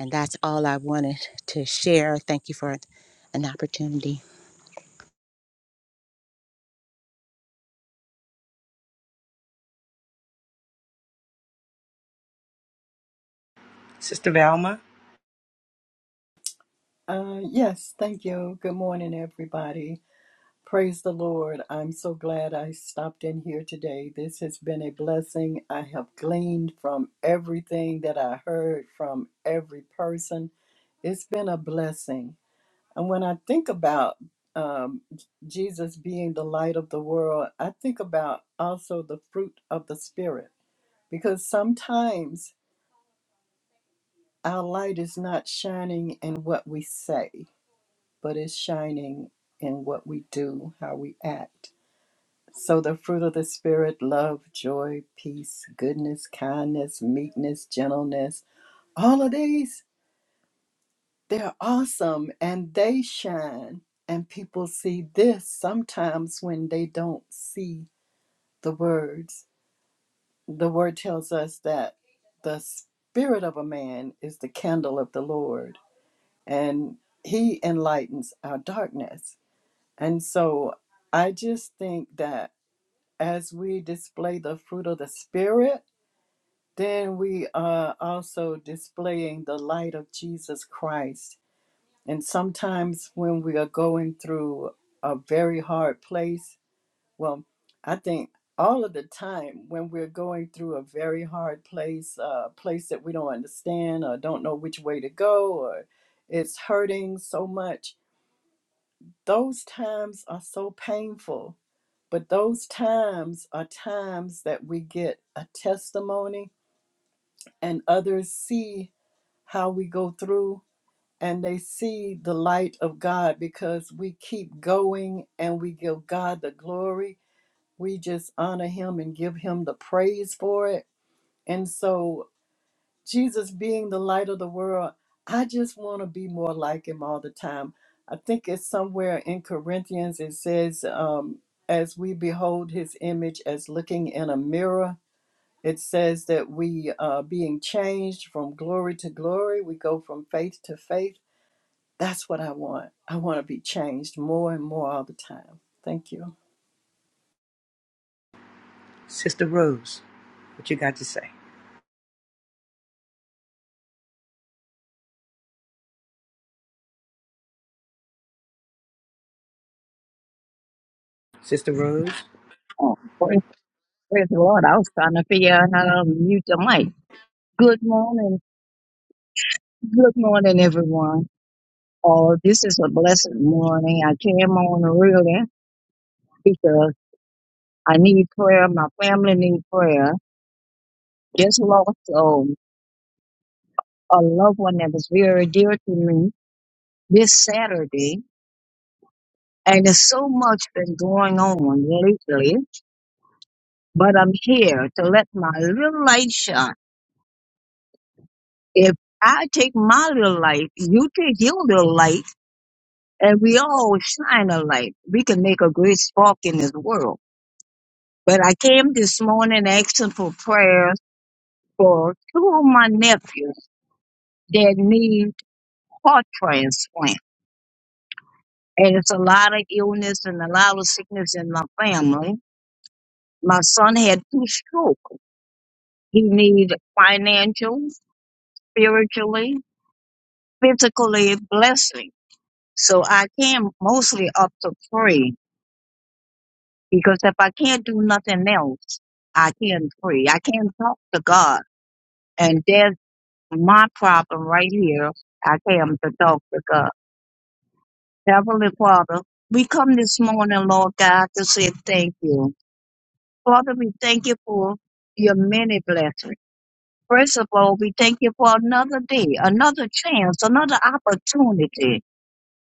E: And that's all I wanted to share. Thank you for an opportunity.
D: Sister Valma,
F: Uh, yes, thank you. Good morning, everybody. Praise the Lord. I'm so glad I stopped in here today. This has been a blessing. I have gleaned from everything that I heard from every person. It's been a blessing. And when I think about um, Jesus being the light of the world, I think about also the fruit of the Spirit because sometimes our light is not shining in what we say but is shining in what we do, how we act. So the fruit of the Spirit love, joy, peace, goodness, kindness, meekness, gentleness all of these, they're awesome and they shine. And people see this sometimes when they don't see the words. The word tells us that the spirit of a man is the candle of the Lord, and he enlightens our darkness. And so I just think that as we display the fruit of the Spirit, then we are also displaying the light of Jesus Christ. And sometimes when we are going through a very hard place, well, I think all of the time when we're going through a very hard place, a uh, place that we don't understand or don't know which way to go, or it's hurting so much, those times are so painful, but those times are times that we get a testimony and others see how we go through and they see the light of God because we keep going and we give God the glory. We just honor Him and give Him the praise for it. And so Jesus being the light of the world, I just want to be more like him all the time. I think it's somewhere in Corinthians it says, um, as we behold his image as looking in a mirror, it says that we are being changed from glory to glory. We go from faith to faith. That's what I want. I want to be changed more and more all the time. Thank you.
D: Sister Rose, what you got to say? Sister Rose,
G: Oh, praise, praise the Lord. I was trying to figure out how to mute the mic. Good morning. Good morning, everyone. Oh, this is a blessed morning. I came on early because I need prayer. My family need prayer. Just lost um, a loved one that was very dear to me this Saturday. And there's so much been going on lately, but I'm here to let my little light shine. If I take my little light, you take your little light, and we all shine a light. We can make a great spark in this world. But I came this morning asking for prayers for two of my nephews that need heart transplant. And it's a lot of illness and a lot of sickness in my family. My son had two strokes. He needs financial, spiritually, physically blessing. So I came mostly up to pray Because if I can't do nothing else, I can pray. I can talk to God. And there's my problem right here. I came to talk to God. Heavenly Father, we come this morning, Lord God, to say thank you. Father, we thank you for your many blessings. First of all, we thank you for another day, another chance, another opportunity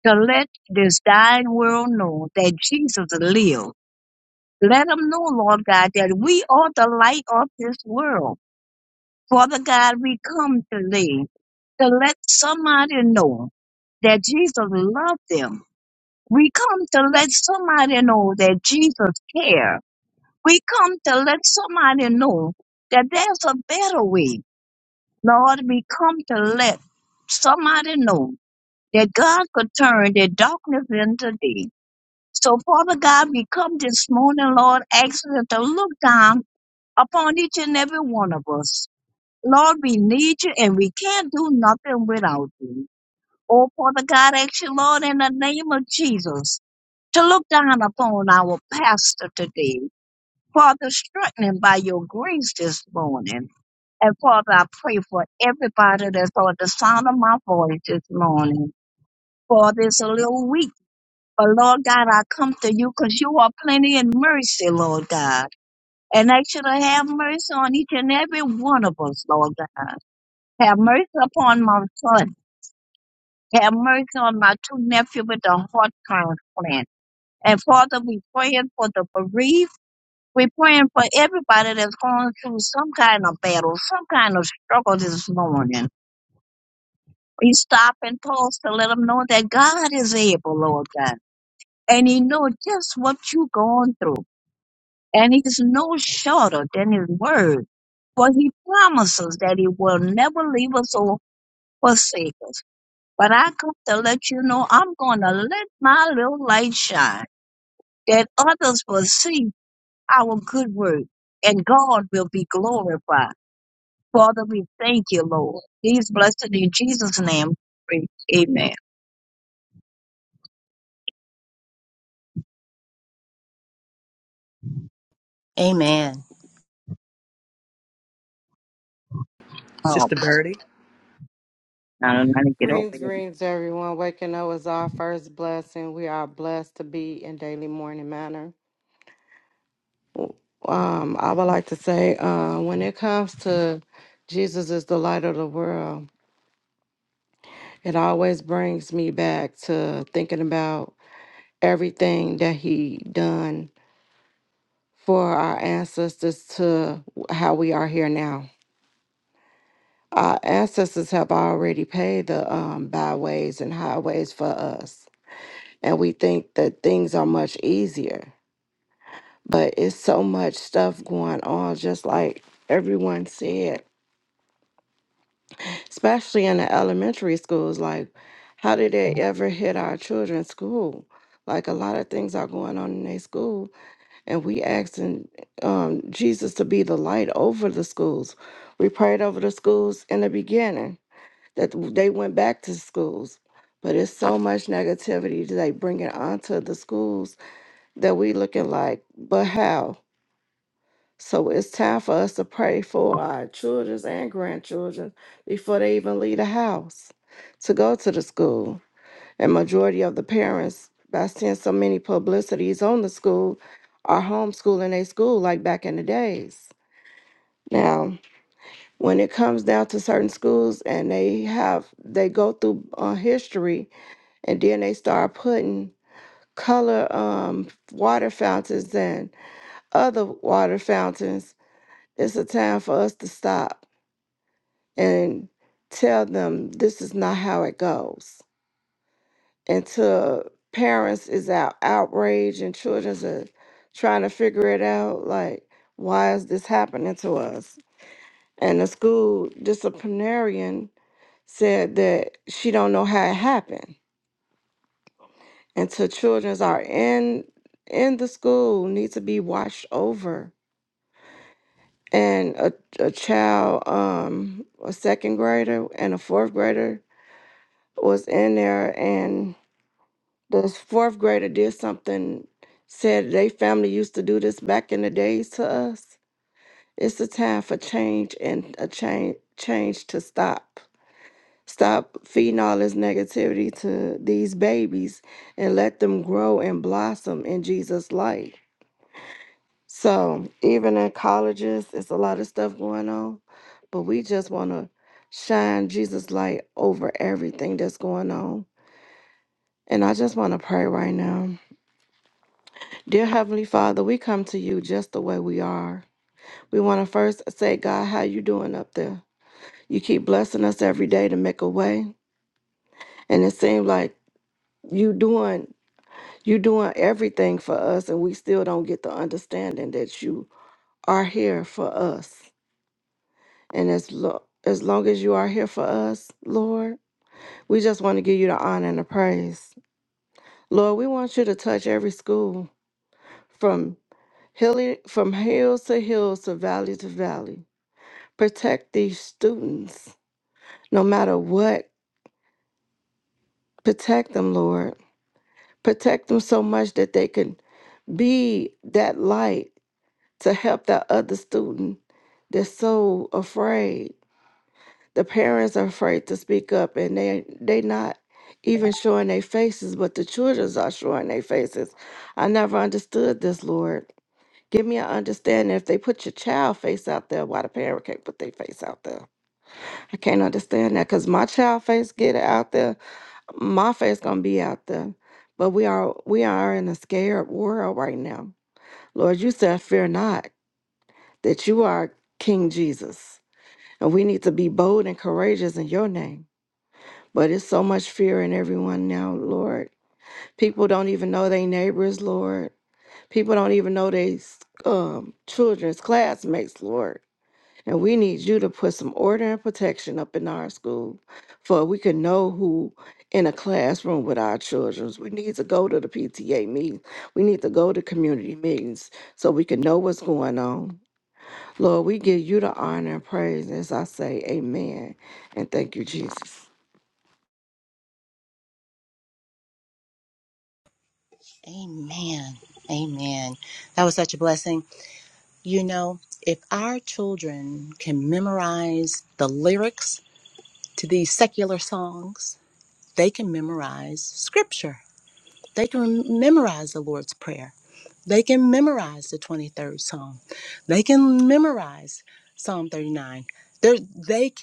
G: to let this dying world know that Jesus lives Let them know, Lord God, that we are the light of this world. Father God, we come today to let somebody know that Jesus loved them. We come to let somebody know that Jesus cares. We come to let somebody know that there's a better way. Lord, we come to let somebody know that God could turn the darkness into day. So, Father God, we come this morning, Lord, asking you to look down upon each and every one of us. Lord, we need you and we can't do nothing without you. Oh, Father God, I ask you, Lord, in the name of Jesus, to look down upon our pastor today. Father, strengthen him by your grace this morning. And Father, I pray for everybody that's on the sound of my voice this morning. Father, it's a little weak, but Lord God, I come to you because you are plenty in mercy, Lord God. And I should have mercy on each and every one of us, Lord God. Have mercy upon my son. Have mercy on my two nephews with the heart transplant. And Father, we praying for the bereaved. we are praying for everybody that's going through some kind of battle, some kind of struggle this morning. We stop and pause to let them know that God is able, Lord God. And He knows just what you're going through. and he's no shorter than his word. For he promises that he will never leave us or forsake us. But I come to let you know I'm going to let my little light shine that others will see our good work and God will be glorified. Father, we thank you, Lord. He's blessed in Jesus' name. we pray. Amen.
E: Amen.
G: Oh,
D: Sister Birdie.
G: I don't know how to get over
H: Greens,
G: here.
H: greens, everyone. Waking up is our first blessing. We are blessed to be in daily morning manner. Um, I would like to say, uh, when it comes to Jesus is the light of the world, it always brings me back to thinking about everything that He done for our ancestors to how we are here now. Our ancestors have already paid the um, byways and highways for us, and we think that things are much easier but it's so much stuff going on just like everyone said especially in the elementary schools like how did it ever hit our children's school like a lot of things are going on in their school and we asking um, jesus to be the light over the schools we prayed over the schools in the beginning that they went back to schools but it's so much negativity that they bringing onto the schools that we looking like but how So it's time for us to pray for our children and grandchildren before they even leave the house to go to the school. And majority of the parents, by seeing so many publicities on the school, are homeschooling their school like back in the days. Now, when it comes down to certain schools and they have they go through uh, history and then they start putting color um, water fountains and other water fountains, it's a time for us to stop and tell them this is not how it goes. And to parents is out outrage and children's are trying to figure it out like why is this happening to us? And the school disciplinarian said that she don't know how it happened. And to children's are in in the school need to be watched over. And a, a child, um, a second grader and a fourth grader was in there and This fourth grader did something, said they family used to do this back in the days to us. It's a time for change and a change change to stop. Stop feeding all this negativity to these babies and let them grow and blossom in Jesus' light. So even in colleges, it's a lot of stuff going on, but we just want to shine Jesus' light over everything that's going on. And I just want to pray right now. Dear Heavenly Father, we come to you just the way we are. We want to first say, God, how you doing up there? You keep blessing us every day to make a way, and it seems like you doing you doing everything for us, and we still don't get the understanding that you are here for us. And as lo- as long as you are here for us, Lord, we just want to give you the honor and the praise. Lord, we want you to touch every school from hilly from hills to hills to valley to valley Protect these students no matter what. Protect them, Lord. Protect them so much that they can be that light to help that other student They're so afraid. The parents are afraid to speak up and they they not even showing their faces, but the children are showing their faces. I never understood this, Lord. Give me an understanding if they put your child face out there, why the parent can't put their face out there. I can't understand that because my child face get it out there my faith's gonna be out there. But we are we are in a scared world right now. Lord, you said, fear not, that you are King Jesus. And we need to be bold and courageous in your name. But it's so much fear in everyone now, Lord. People don't even know their neighbors, Lord. People don't even know their um, children's classmates, Lord. And we need you to put some order and protection up in our school for we can know who in a classroom with our children. We need to go to the PTA meetings. We need to go to community meetings so we can know what's going on. Lord, we give you the honor and praise as I say amen. And thank you, Jesus.
E: Amen. Amen. That was such a blessing. You know, if our children can memorize the lyrics to these secular songs, they can memorize scripture. They can memorize the Lord's Prayer. They can memorize the 23rd Psalm. They can memorize Psalm 39. They're, they, c-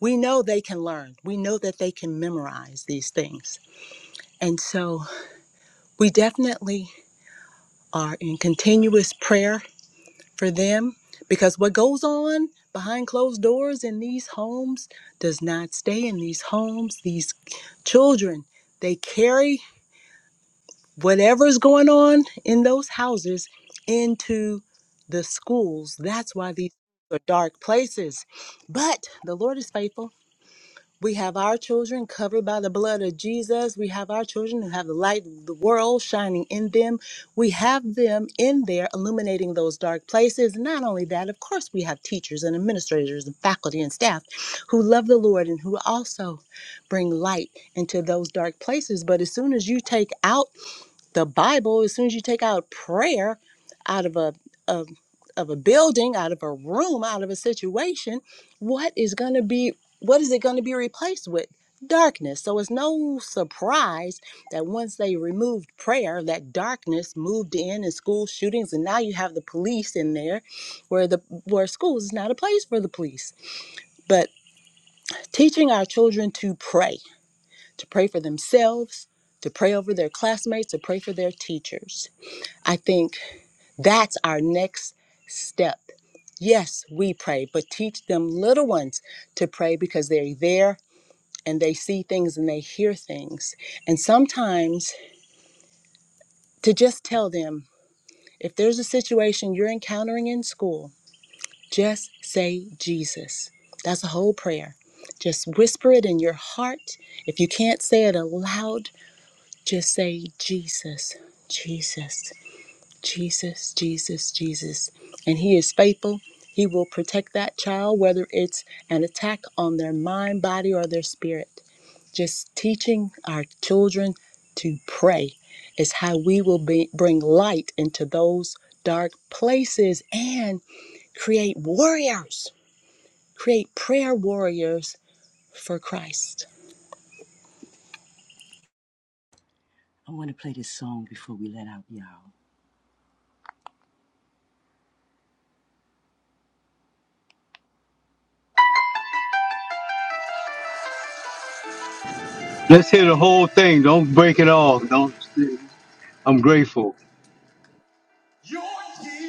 E: we know they can learn. We know that they can memorize these things. And so we definitely are in continuous prayer for them because what goes on behind closed doors in these homes does not stay in these homes. These children, they carry whatever's going on in those houses into the schools. That's why these are dark places. But the Lord is faithful. We have our children covered by the blood of Jesus. We have our children who have the light of the world shining in them. We have them in there illuminating those dark places. Not only that, of course, we have teachers and administrators and faculty and staff who love the Lord and who also bring light into those dark places. But as soon as you take out the Bible, as soon as you take out prayer out of a of, of a building, out of a room, out of a situation, what is going to be what is it going to be replaced with? Darkness. So it's no surprise that once they removed prayer, that darkness moved in and school shootings, and now you have the police in there, where the where schools is not a place for the police. But teaching our children to pray, to pray for themselves, to pray over their classmates, to pray for their teachers I think that's our next step. Yes, we pray, but teach them little ones to pray because they're there and they see things and they hear things. And sometimes to just tell them if there's a situation you're encountering in school, just say Jesus. That's a whole prayer. Just whisper it in your heart. If you can't say it aloud, just say Jesus, Jesus. Jesus, Jesus, Jesus. And He is faithful. He will protect that child, whether it's an attack on their mind, body, or their spirit. Just teaching our children to pray is how we will be, bring light into those dark places and create warriors, create prayer warriors for Christ.
D: I want to play this song before we let out y'all.
A: Let's hear the whole thing. Don't break it off. Don't. I'm grateful.
D: Your years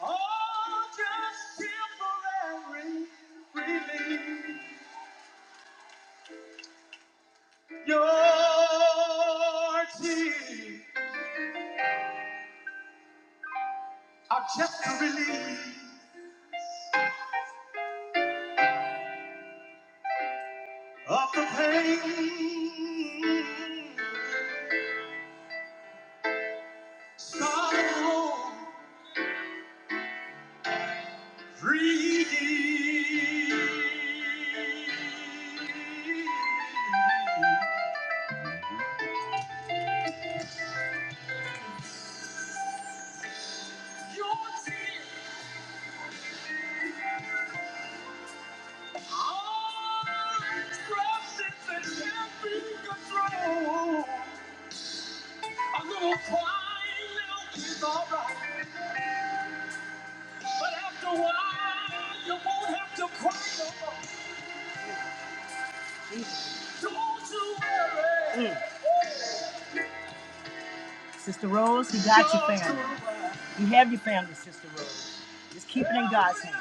D: Oh, just temporary relief. Your tears are just a relief of the pain, sorrow, free. Your tears are substance that can't be controlled. A little crying now is all right. But after a while, you won't have to cry no more. Mm. Don't you worry. Mm. Sister Rose, you got your family. You have your family, Sister Rose. Just keep it in God's hands.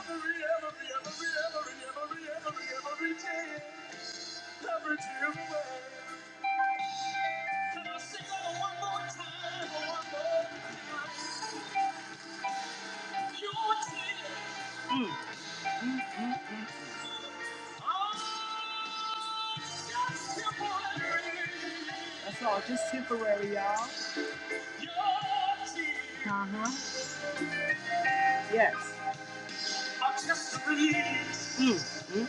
D: Mm. Mm-hmm. That's all, just temporary, y'all. Uh huh. Yes. I'm just a release Mm, mm.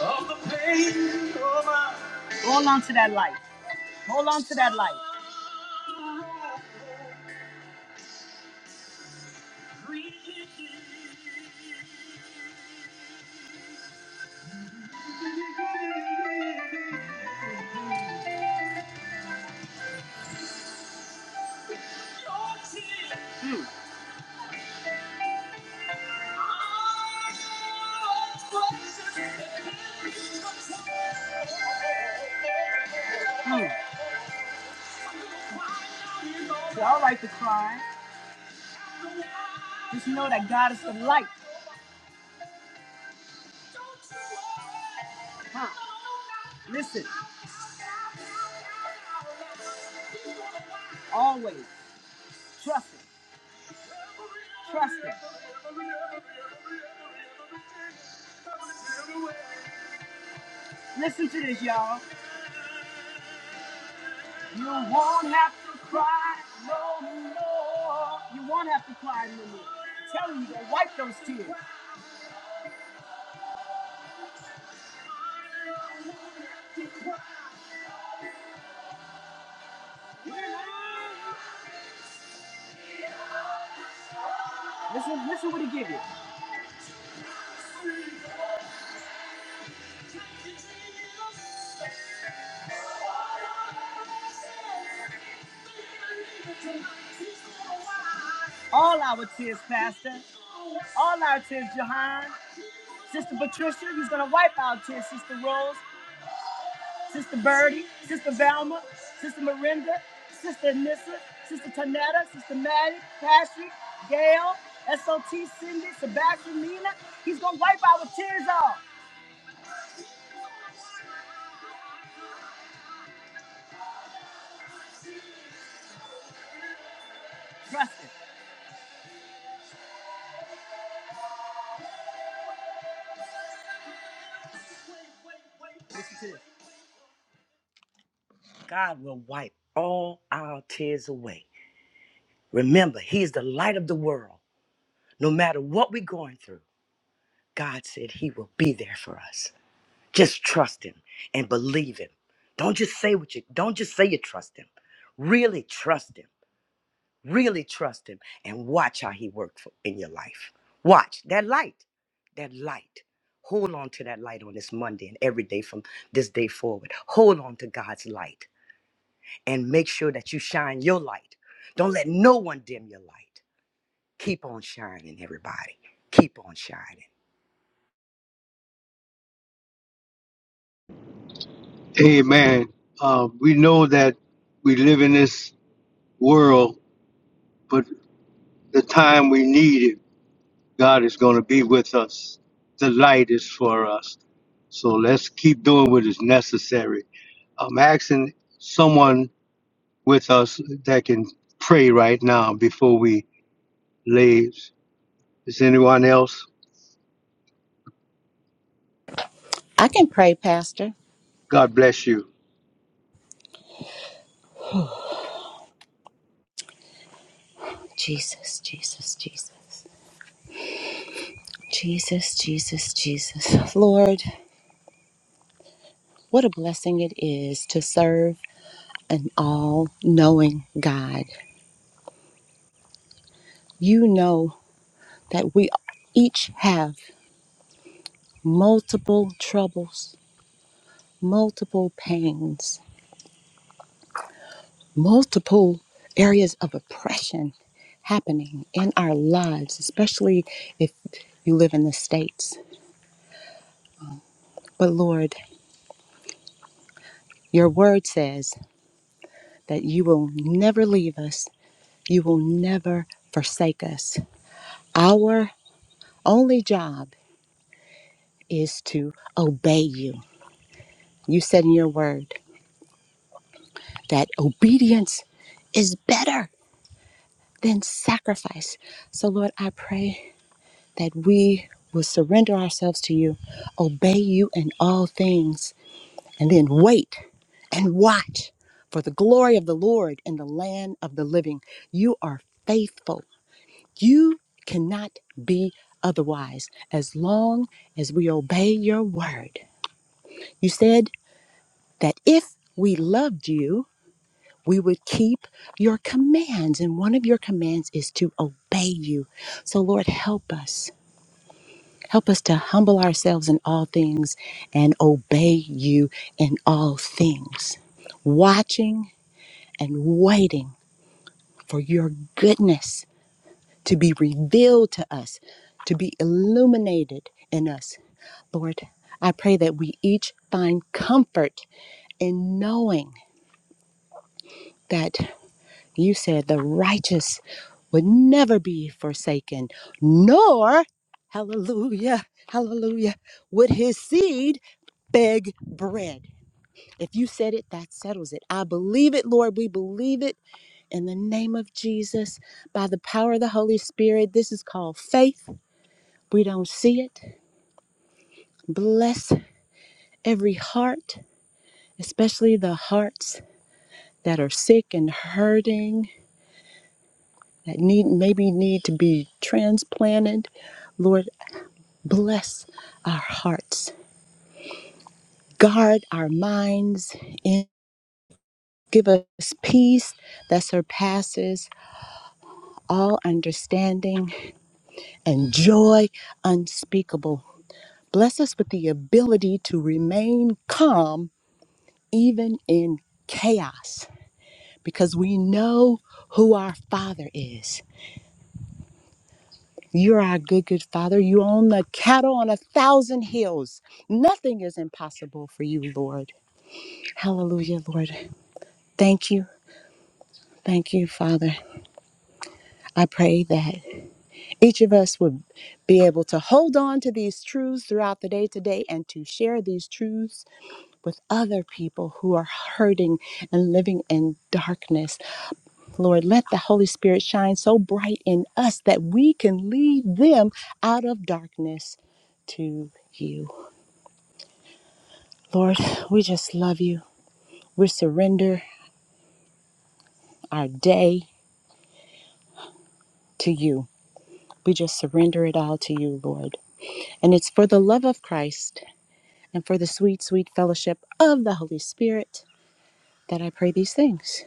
D: of the pain of my. Hold on to that light. Hold on to that light. Mm. Hmm. It's all right to cry. Just know that God is the light. Huh. Listen. Always trust Him. Trust Him. Listen to this, y'all. You won't have to cry no more. You won't have to cry no more. I'm telling you, they wipe those tears. Listen, listen what he give you. Oh, sister Rose, sister Burma. Sister Tanetta, Sister Maddie, Patrick, Gail, SOT, Cindy, Sebastian, Nina. He's going to wipe our tears off. Trust it. Listen to this. God will wipe all our tears away. Remember, He is the light of the world. No matter what we're going through, God said He will be there for us. Just trust Him and believe Him. Don't just say what you don't just say you trust Him. Really trust Him. Really trust him and watch how he worked in your life. Watch that light, that light. Hold on to that light on this Monday and every day from this day forward. Hold on to God's light and make sure that you shine your light. Don't let no one dim your light. Keep on shining, everybody. Keep on shining.
A: Amen. Uh, we know that we live in this world, but the time we need it, God is going to be with us. The light is for us. So let's keep doing what is necessary. I'm asking someone with us that can pray right now before we leave. Is anyone else?
E: I can pray, Pastor.
A: God bless you.
E: Jesus, Jesus, Jesus. Jesus, Jesus, Jesus. Lord, What a blessing it is to serve an all knowing God. You know that we each have multiple troubles, multiple pains, multiple areas of oppression happening in our lives, especially if you live in the States. But Lord, your word says that you will never leave us, you will never forsake us. Our only job is to obey you. You said in your word that obedience is better than sacrifice. So, Lord, I pray that we will surrender ourselves to you, obey you in all things, and then wait and watch for the glory of the Lord in the land of the living. You are faithful. You cannot be otherwise as long as we obey your word. You said that if we loved you, we would keep your commands. And one of your commands is to obey you. So, Lord, help us. Help us to humble ourselves in all things and obey you in all things, watching and waiting for your goodness to be revealed to us, to be illuminated in us. Lord, I pray that we each find comfort in knowing that. You said the righteous would never be forsaken, nor, hallelujah, hallelujah, would his seed beg bread. If you said it, that settles it. I believe it, Lord. We believe it in the name of Jesus by the power of the Holy Spirit. This is called faith. We don't see it. Bless every heart, especially the hearts that are sick and hurting, that need maybe need to be transplanted. Lord, Bless our hearts, guard our minds, and give us peace that surpasses all understanding and joy unspeakable. Bless us with the ability to remain calm even in chaos because we know who our Father is. You're our good, good Father. You own the cattle on a thousand hills. Nothing is impossible for you, Lord. Hallelujah, Lord. Thank you. Thank you, Father. I pray that each of us would be able to hold on to these truths throughout the day today and to share these truths with other people who are hurting and living in darkness. Lord, let the Holy Spirit shine so bright in us that we can lead them out of darkness to you. Lord, we just love you. We surrender our day to you. We just surrender it all to you, Lord. And it's for the love of Christ and for the sweet, sweet fellowship of the Holy Spirit that I pray these things.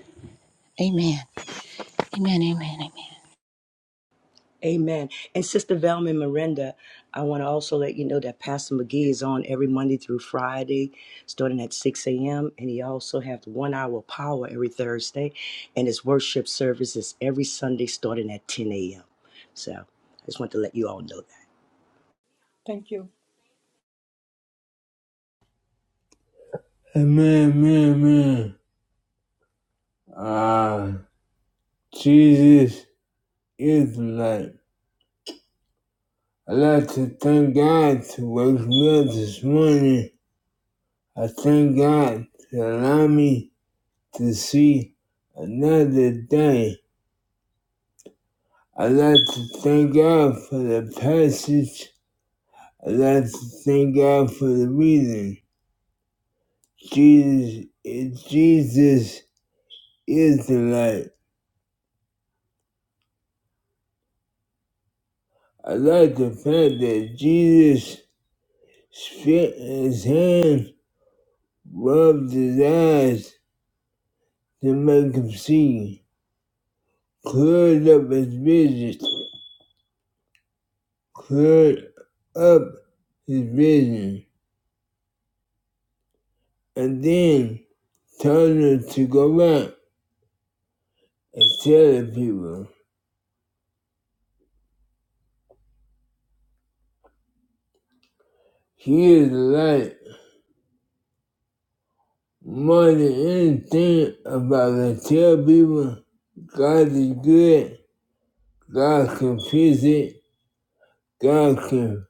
E: Amen. Amen. Amen. Amen.
D: Amen. And Sister Velma Miranda, I want to also let you know that Pastor McGee is on every Monday through Friday, starting at 6 a.m. And he also has one hour power every Thursday. And his worship service is every Sunday, starting at 10 a.m. So I just want to let you all know that.
F: Thank you.
B: Amen, man, man. Ah, Jesus is light. I'd like to thank God to wake me up this morning. I thank God to allow me to see another day. I'd like to thank God for the passage. I'd like to thank God for the reading. Jesus, is, Jesus is the light. I like the fact that Jesus spit in his hand, rubbed his eyes to make him see, cleared up his vision, cleared up his vision, and then Tell her to go back and tell the people. She is the light. More than anything about the tell people, God is good, God can fix it, God can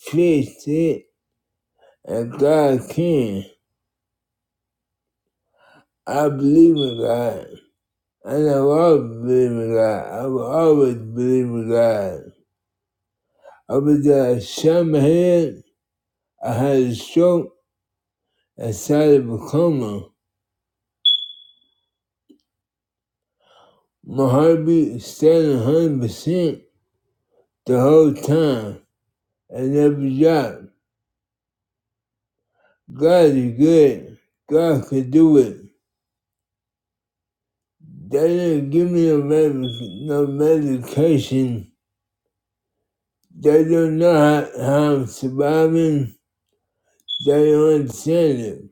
B: fix it, and God can. I believe in God. And I've always believed in God. I've always believed in God. I was at a shaman head, I had a stroke, I started to coma. My heartbeat is stayed 100% the whole time. I never dropped. God is good. God could do it. They didn't give me no, medic- no medication. They don't know how, how I'm surviving. They don't understand it.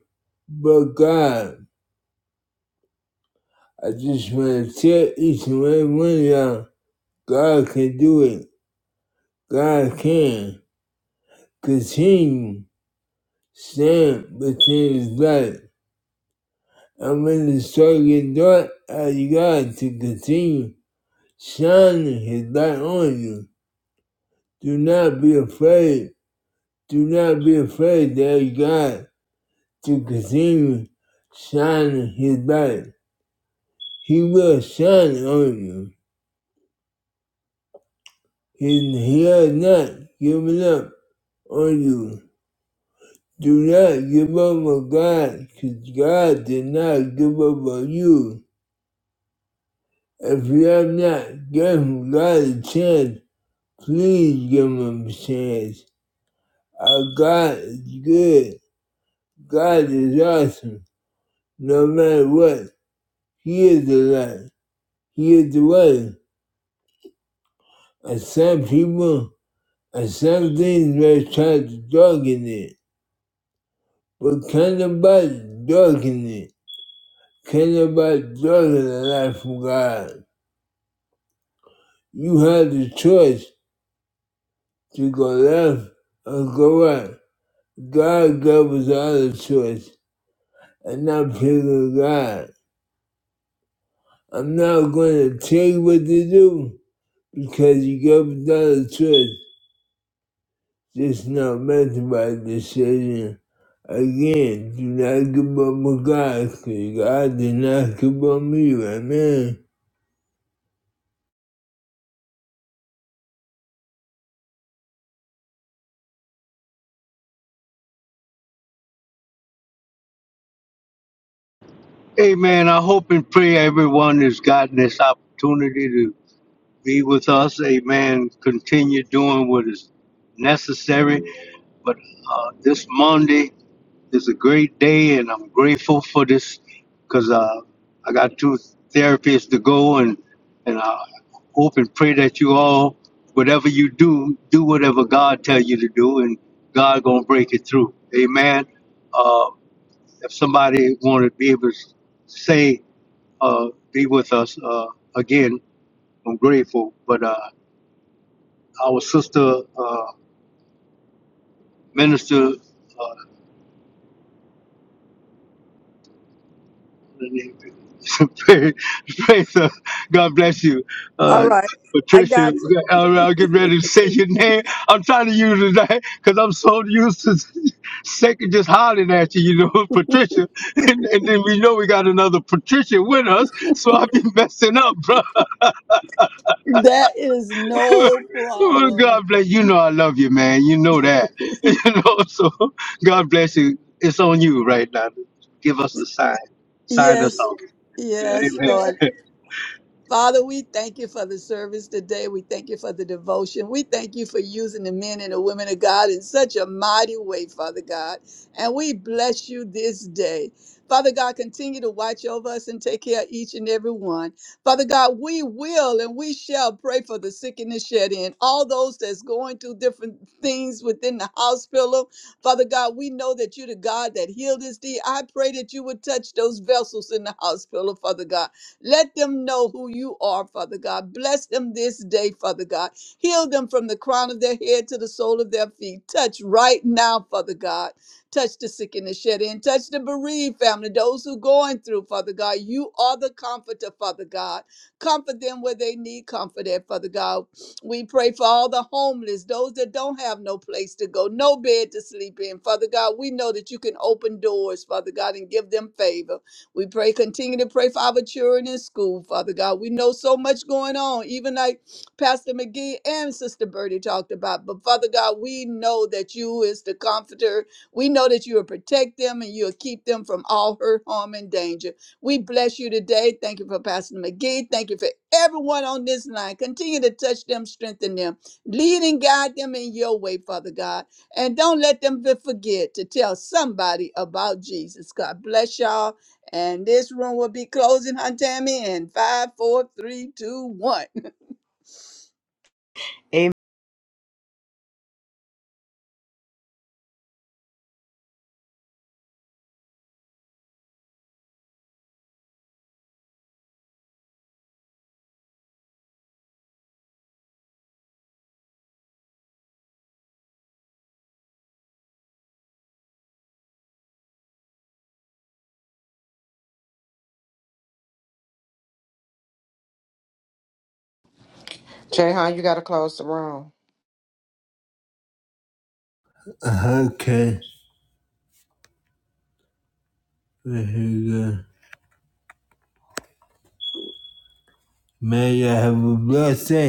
B: But God, I just want to tell each and every one of y'all, God can do it. God can. Continue stand within His light. I'm in the second thought as God to continue shining His light on you. Do not be afraid. Do not be afraid to ask God to continue shining His light. He will shine on you. He, he has not given up on you. Do not give up on God, because God did not give up on you. If you have not given God a chance Please give him a chance. Our God is good. God is awesome. No matter what, He is the light. He is the way. And some people and some things may try to darken it. But can nobody darken it? Can nobody darken the light from God? You have the choice to go left or go right. God gave us all the choice, and I'm picking God. I'm not going to tell you what to do because you got a dollar choice. Just not make the right decision. Again, do not give up on God because God did not give up on me. Amen.
A: Amen. I hope and pray everyone has gotten this opportunity to be with us. Amen. Continue doing what is necessary. But uh, this Monday, It's a great day, and I'm grateful for this because uh, I got two therapists to go, and and I hope and pray that you all, whatever you do, do whatever God tell you to do, and God gonna break it through. Amen. Uh, if somebody want to be able to say, uh, be with us uh, again, I'm grateful. But uh, our sister uh, minister. uh, Praise praise the- God bless you.
C: All
A: Uh,
C: right. I
A: Patricia,
C: got
A: I'll, I'll get ready to say your name. I'm trying to use it because I'm so used to second just hollering at you, you know, Patricia. And, and then we know we got another Patricia with us, so I'll be messing up, bro.
C: you. That is no
A: Well,
C: problem.
A: God bless you. You know I love you, man. You know that. You know, so God bless you. It's on you right now. Give us the sign. Sign us
C: Yes.
A: off.
C: Yes, Lord.
A: Amen.
C: Father, we thank you for the service today. We thank you for the devotion. We thank you for using the men and the women of God in such a mighty way, Father God. And we bless you this day. Father God, continue to watch over us and take care of each and every one. Father God, we will and we shall pray for the sick and the shed in, all those that's going through different things within the hospital. Father God, we know that you're the God that healed us. thee. I pray that you would touch those vessels in the hospital, Father God. Let them know who you are, Father God. Bless them this day, Father God. Heal them from the crown of their head to the sole of their feet. Touch right now, Father God. Touch the sick and the shed in. Touch the bereaved family, those who going through, Father God. You are the comforter, Father God. Comfort them where they need comfort at, Father God. We pray for all the homeless, those that don't have no place to go, no bed to sleep in. Father God, we know that you can open doors, Father God, and give them favor. We pray, continue to pray for our children in school, Father God. We know so much going on, even like Pastor McGee and Sister Birdie talked about. But Father God, we know that you is the comforter. We know that you will protect them and you'll keep them from all hurt, harm, and danger. We bless you today. Thank you for Pastor McGee. Thank you for everyone on this line. Continue to touch them, strengthen them, lead and guide them in your way, Father God. And don't let them be- forget to tell somebody about Jesus. God bless y'all. And this room will be closing, Aunt Tammy, in five, four, three, two, one.
H: Jay, you got to close the room?
B: Okay. There you go. May I have a blessed day.